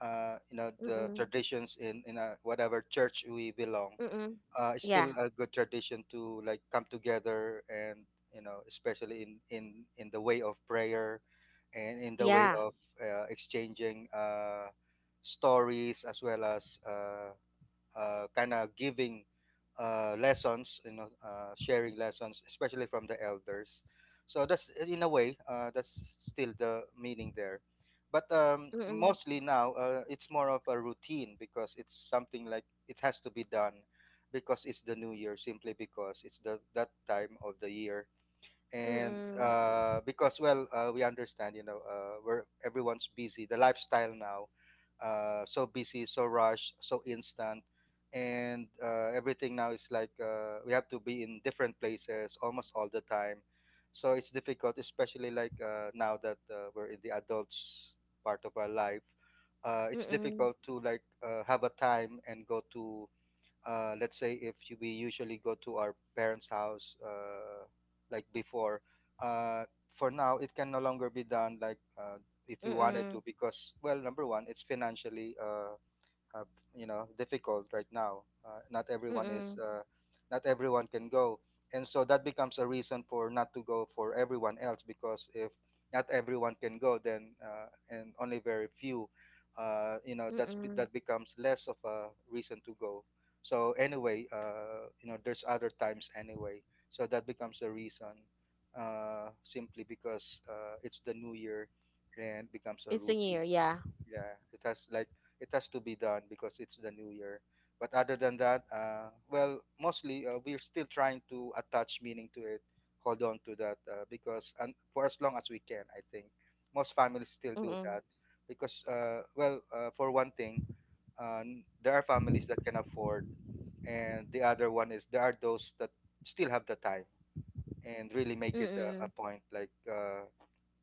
You know, the mm-mm, traditions in a, whatever church we belong. mm-mm. It's Yeah, still a good tradition to like come together, and you know, especially in the way of prayer, and in the way yeah. of exchanging stories, as well as kind of giving lessons, you know, sharing lessons, especially from the elders. So that's eh, in a way, that's still the meaning there, but Mm-mm, mostly now, it's more of a routine, because it's something like it has to be done because it's the new year, simply because it's the that time of the year. And mm-mm, because well, we understand, you know, are everyone's busy, the lifestyle now, so busy, so rushed, so instant. And everything now is like we have to be in different places almost all the time, so it's difficult, especially like now that we're in the adults part of our life, it's mm-mm, difficult to like have a time and go to let's say, if we usually go to our parents' house like before, uh, for now it can no longer be done like if we wanted to, mm-mm, because well, number one, it's financially, uh, you know, difficult right now, not everyone is, mm-mm, not everyone can go, and so that becomes a reason for not to go for everyone else, because if not everyone can go, then, and only very few, you know, that's mm-mm. that becomes less of a reason to go. So anyway, you know, there's other times anyway, so that becomes a reason, simply because it's the new year and becomes a It's a routine. year, yeah. Yeah, it has like, it has to be done because it's the new year. But other than that, well, mostly we're still trying to attach meaning to it, hold on to that, because, and for as long as we can, I think most families still do that, Mm-mm, because well, for one thing, there are families that can afford, and the other one is, there are those that still have the time and really make it a mm-mm, point like.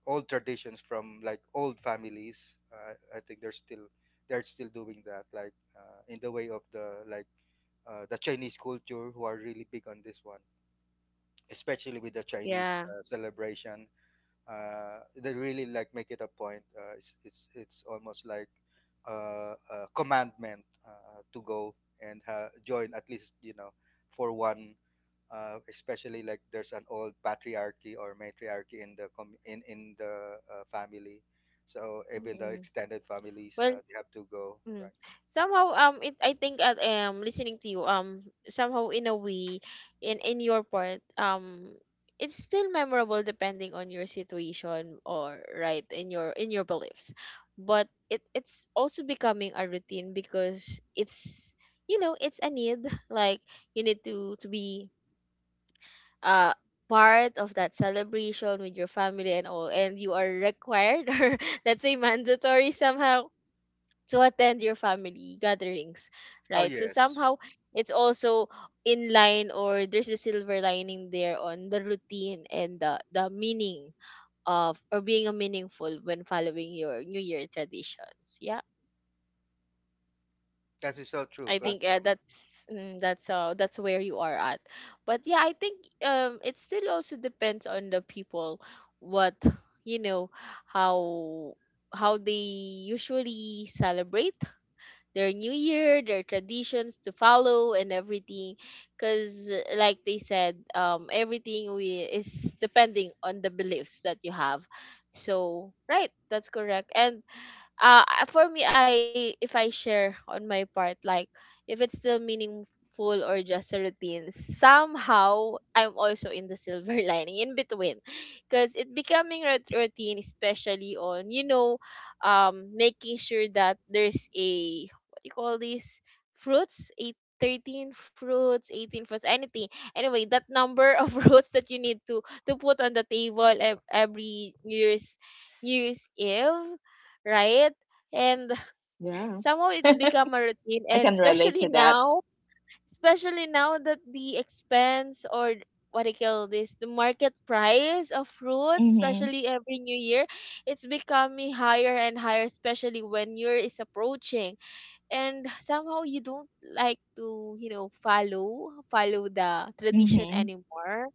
Old traditions from like old families, I think they're still doing that, like in the way of the, like the Chinese culture, who are really big on this one, especially with the Chinese yeah. celebration. They really like make it a point. It's, it's almost like a commandment to go, and join at least, you know, for one, especially like there's an old patriarchy or matriarchy in the in the family, so even the Mm-mm. extended families, Well. They have to go, Mm. right? Somehow, it I think, I listening to you. Somehow, in a way, in your part, it's still memorable, depending on your situation, or right in your beliefs, but it's also becoming a routine because it's a need. Like, you need to be uh part of that celebration with your family and all, and you are required or, let's say, mandatory somehow to attend your family gatherings, Oh right? So yes. somehow it's also in line, or there's a silver lining there on the routine and the meaning of or being a meaningful when following your New Year traditions. Yeah. That is so I true think, Yeah. Because that's mm, that's where you are at, but yeah, I think it still also depends on the people, what you know, how how they usually celebrate their new year, their traditions to follow and everything, cuz like they said, everything we is depending on the beliefs that you have. So, right, that's correct. And For me, I if I share on my part, like, if it's still meaningful or just a routine, somehow I'm also in the silver lining in between, because it becoming a routine, especially on, you know, making sure that there's a, what do you call these, fruits, 8 13 fruits, 18 fruits, anything, anyway, that number of fruits that you need to put on the table every new year's, new year's eve, right? And Yeah. somehow it I become a routine, and can relate to especially that. now, especially now that the expense, or what I call this, the market price of fruits, Mhm. especially every new year, it's becoming higher and higher, especially when year is approaching, and somehow you don't like to, you know, follow the tradition Mhm. anymore.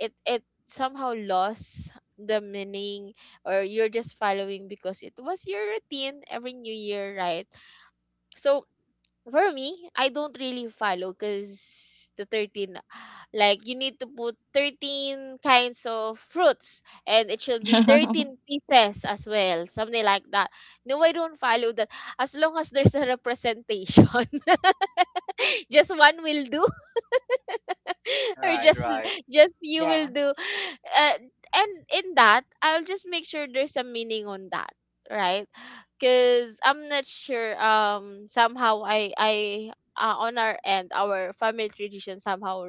It somehow lost the meaning, or you're just following because it was your routine every new year, right? So for me, I don't really follow, because the 13, like, you need to put 13 kinds of fruits and it should be 13 pieces as well, something like that. No, I don't follow that. As long as there's a representation, just one will do. or right, just l- right. just you will Yeah. do. uh, and in that, I'll just make sure there's a meaning on that, right? Because I'm not sure, somehow I, on our end, our family tradition somehow,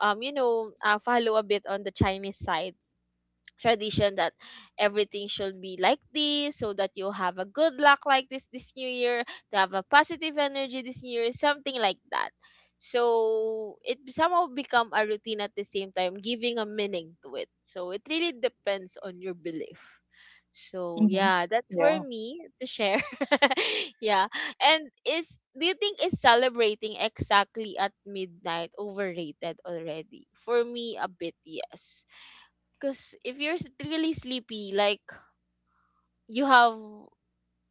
you know, follow a bit on the Chinese side tradition, that everything should be like this, so that you have a good luck like this new year, to have a positive energy this new year, something like that. So it somehow become a routine at the same time giving a meaning to it, so it really depends on your belief. So Mhm. yeah, that's for Yeah. me to share. Yeah. And is, do you think is celebrating exactly at midnight overrated? Already for me a bit, yes, because if you're really sleepy, like, you have,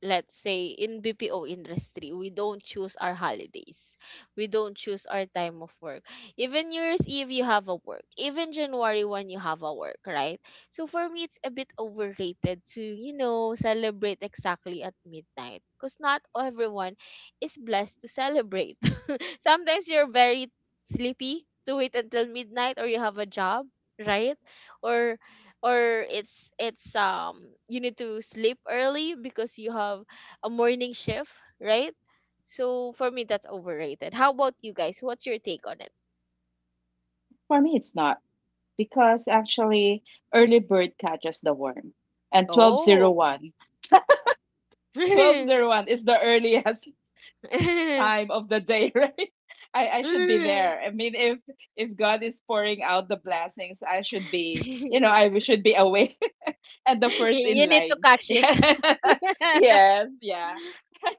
let's say, in BPO industry, we don't choose our holidays. We don't choose our time of work. Even New Year's Eve, you have a work. Even January 1, you have a work, right? So for me, it's a bit overrated to, you know, celebrate exactly at midnight. Because not everyone is blessed to celebrate. Sometimes you're very sleepy to wait until midnight, or you have a job, right? Or or it's you need to sleep early because you have a morning shift, right? So for me, that's overrated. How about you guys? What's your take on it? For me, it's not, because actually, early bird catches the worm, and Oh. You 1201 is the earliest time of the day, right? I should be there. I mean, if God is pouring out the blessings, I should be, I should be awake and the first in you need to line. catch it. Yes, yeah.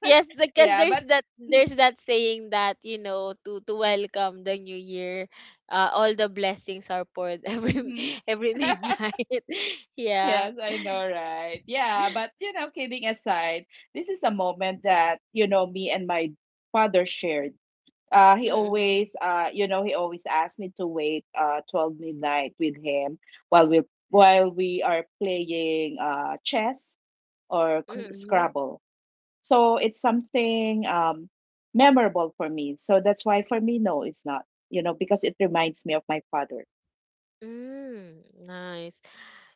Yes, because Yeah, there's but that saying that, you know, to welcome the new year, all the blessings are poured mhm. every midnight. Yeah. Yes, I know, right? Yeah, but kidding aside, this is a moment that, me and my father shared. He Mm-mm. always, he always asked me to wait 12 midnight with him while we, while we are playing chess or Mhm. scrabble. So it's something, um, memorable for me. So that's why for me, no, it's not, because it reminds me of my father. Mm, nice.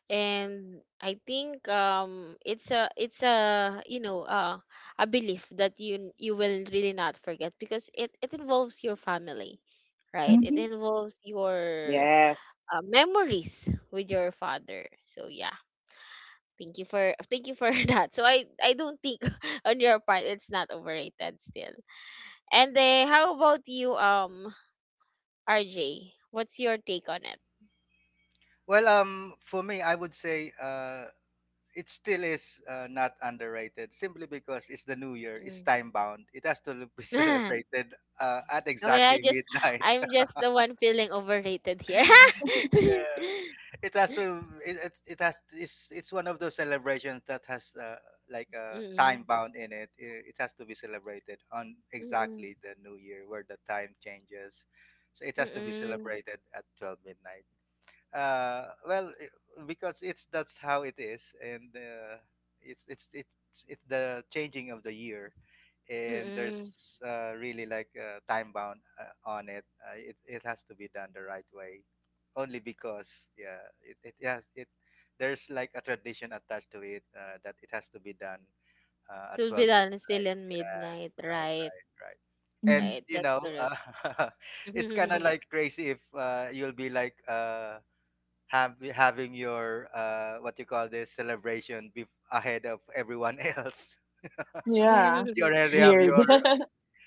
And I think it's a you know, a belief that you will really not forget, because it involves your family, right? It Mm-hmm. involves your Yes. Memories with your father. So yeah, thank you for thank you for that. So I don't think on your part it's not overrated still. And how about you, RJ? What's your take on it? Well for me, I would say it still is not underrated, simply because it's the new year, it's Mm. time bound, it has to be celebrated at Okay, I exactly just midnight. I'm just the one feeling overrated here. Yeah, it has to, it has, it's one of those celebrations that has like a Mm-mm, time bound in it. It has to be celebrated on mm-mm, exactly the new year where the time changes, so it has to be mm-mm, celebrated at 12 midnight. Because it's that's how it is, and it's it's the changing of the year, and mm-mm. there's really like time bound on it. It it has to be done the right way, only because yeah, it has it. There's like a tradition attached to it, that it has to be done at To be 12 done still midnight. in Yeah, midnight, right, right? right, right. And Hmm. Right, you that's know, it's kind of correct. like crazy if you'll be like have having your what you call this celebration ahead of everyone else. Yeah. You already have Weird. your,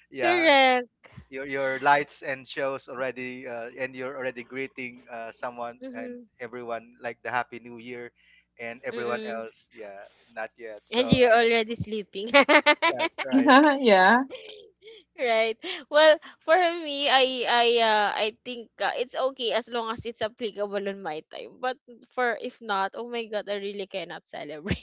yeah, Correct. your lights and shows already, and you're already greeting someone and Mm-hmm, everyone like the happy new year and everyone mm-mm. else, yeah, not yet, And so you're I, already sleeping. yeah, right. Yeah. Right. Well, for me, I think it's okay as long as it's applicable on my time. But for if not, oh my god, I really cannot celebrate.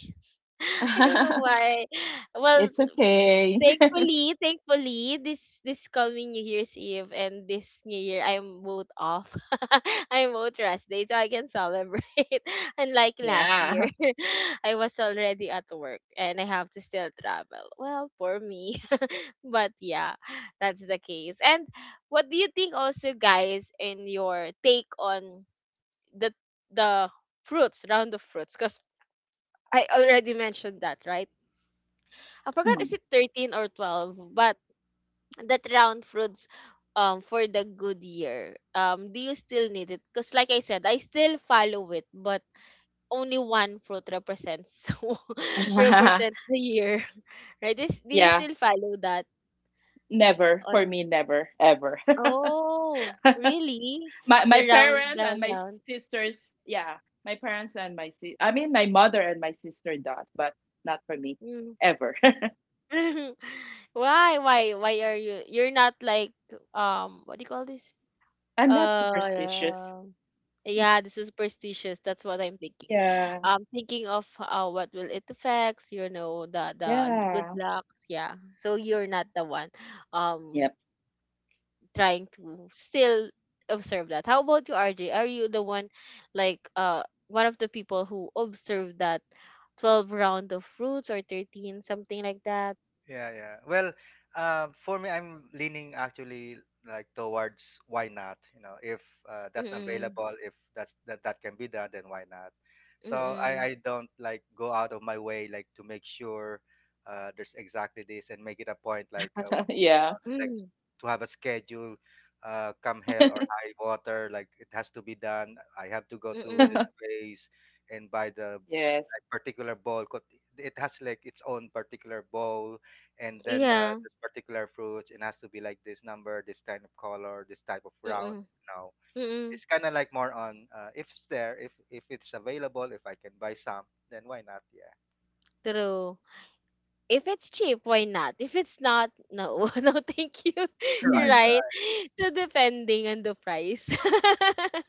I don't know why. Well, It's okay. thankfully, thankfully, this coming New Year's Eve and this New Year, I'm both off. I'm both rest day, so I can celebrate. Unlike last Yeah. year, I was already at work and I have to still travel. Well, for me, but yeah, that's the case. And what do you think also, guys, in your take on the the fruits, round of fruits? Because I already mentioned that, right? I forgot, is Mm. it 13 or 12? But that round fruits, for the good year. Do you still need it? Because like I said, I still follow it, but only one fruit represents represents the year. Right? This, do you Yeah. still follow that Never. For on, me, never, ever. oh, really? My The round, parents and round my rounds. sisters, yeah. My parents and my I mean, my mother and my sister does, but not for me. Mm. Ever. Why are you? You're not like, what do you call this? I'm not superstitious. Uh, yeah, the superstitious. That's what I'm thinking. Yeah. I'm thinking of, what will it affects. You know, the good Yeah. lucks. Yeah. So you're not the one. Um, Yep. trying to still observe that. How about you, RJ? Are you the one like, one of the people who observed that 12 round of fruits or 13, something like that? Yeah, yeah. Well, for me, I'm leaning actually like towards, why not? You know, if that's Mm-mm. available, if that that can be done, then why not? So Mm-mm. I don't like go out of my way like to make sure there's exactly this and make it a point, like you Yeah. know, like Mm, to have a schedule. Come hell or high water, like it has to be done. I have to go to mm-mm. this place and buy the Yes. like, particular bowl. 'Cause it has like its own particular bowl, and then Yeah. there's particular fruits. It has to be like this number, this kind of color, this type of round. Mm-mm. You know, Mm-mm. it's kind of like more on, if it's there, if it's available, if I can buy some, then why not? Yeah, True. If it's cheap, why not? If it's not, no, no, thank you. right. Right. Hmm. Right? So depending on the price.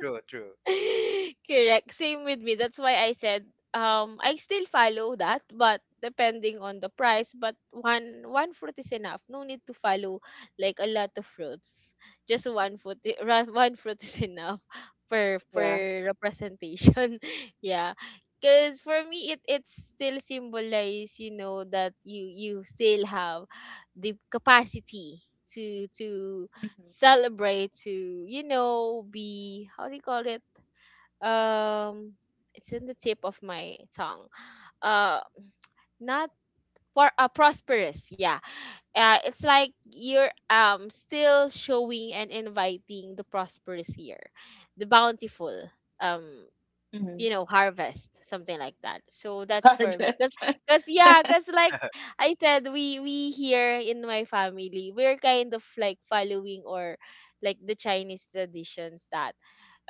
True, true. Correct. Same with me. That's why I said, I still follow that, but depending on the price. But one fruit is enough. No need to follow like a lot of fruits. Just one fruit, one fruit is enough for Yeah. representation. Yeah. Cause for me, it still symbolize, you know, that you still have the capacity to to Mm-hmm. celebrate to, you know, be, how do you call it, um it's in the tip of my tongue, uh not for, prosperous, yeah, it's like you're, still showing and inviting the prosperous year, the bountiful, um Hmm. you know, harvest, something like that. So that's for me, because Harvest. Yeah, because like I said, we here in my family, we're kind of like following, or like the Chinese traditions, that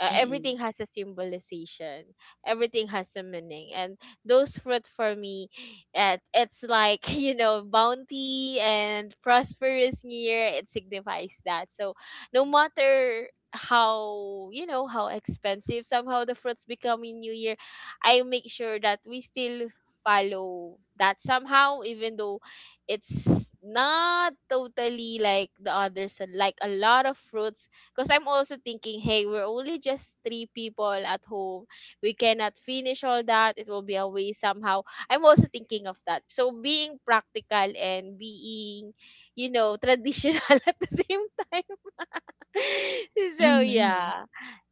everything has a symbolization, everything has a meaning, and those fruit for me, it's like you know, bounty and prosperous year, it signifies that. So no matter how, you know, how expensive somehow the fruits become in new year, I make sure that we still follow that somehow, even though it's not totally like the others. And like a lot of fruits, because I'm also thinking, hey, we're only just three people at home. We cannot finish all that. It will be a waste somehow. I'm also thinking of that. So being practical and being, you know, traditional at the same time. Mm-hmm. So yeah,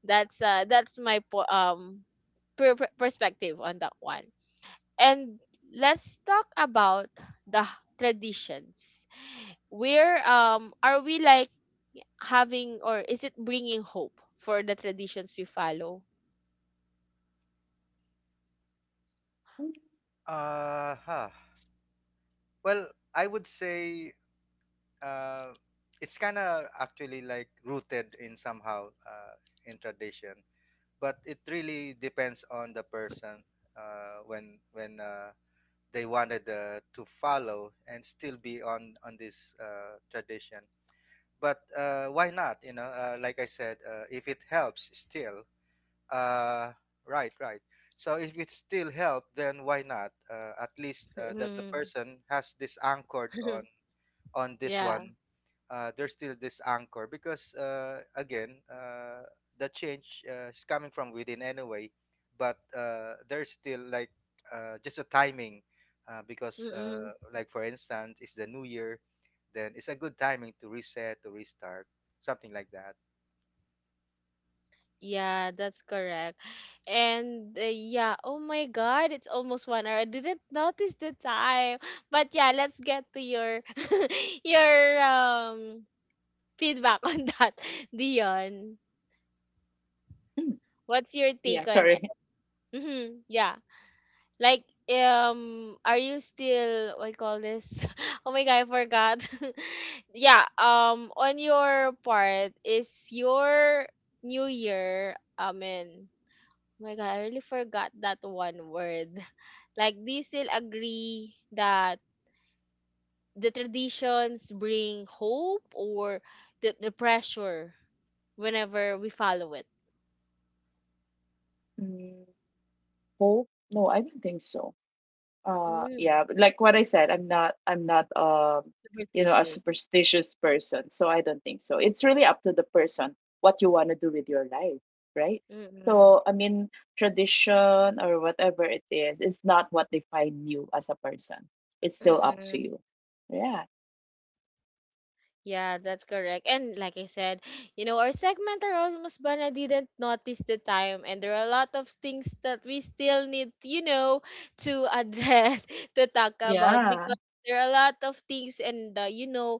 that's my perspective on that one. And let's talk about the traditions. We're, are we like having or is it bringing hope for the traditions we follow? Mm-mm. Huh. Well, I would say uh, it's kind of actually like rooted in somehow, in tradition, but it really depends on the person when they wanted to follow and still be on this tradition. But why not? You know, like I said, if it helps, still, uh, right, right. So if it still help, then why not? At least that the Mm. person has this anchored on on this Yeah. one, there's still this anchor, because again the change is coming from within anyway, but there's still like just a timing, because Mm-mm. like for instance, it's the new year, then it's a good timing to reset, to restart, something like that. Yeah, that's correct. And yeah, oh my God, it's almost 1 hour. I didn't notice the time. But yeah, let's get to your your, feedback on that, Dion. What's your Yeah, take on it? sorry. Mm-hmm. Yeah. Like, are you still, what you call this? Oh my god, I forgot. Yeah. On your part, is your New Year? I mean, oh my god, I really forgot that one word. Like, do you still agree that the traditions bring hope, or the pressure whenever we follow it? Mm, hope? No, I don't think so. Mm, Yeah, but like what I said, I'm not, a superstitious. superstitious person, so I don't think so. It's really up to the person what you want to do with your life, right? Mm-mm. So, I mean, tradition or whatever it is, it's not what define you as a person. It's still up to you. Yeah. Yeah, that's correct. And like I said, you know, our segment are almost, but didn't notice the time, and there are a lot of things that we still need, you know, to address, to talk about, Yeah. because there are a lot of things and, you know,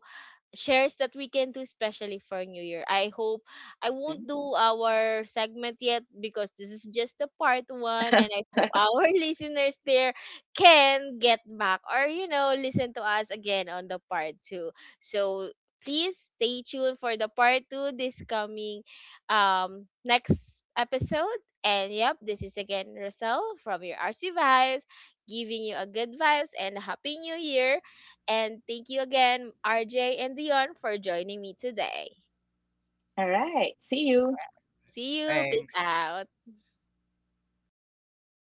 shares that we can do, especially for new year. I hope I Mhm. won't do our segment yet, because this is just the part one, and I hope our listeners there can get back or, you know, listen to us again on the part two. So please stay tuned for the part two this coming, next episode. And yep, this is again Rosel from your RC Vibes, giving you a good vibes and a happy new year, and thank you again, RJ and Dion, for joining me today. All right. See you. See you. Peace Thanks. out.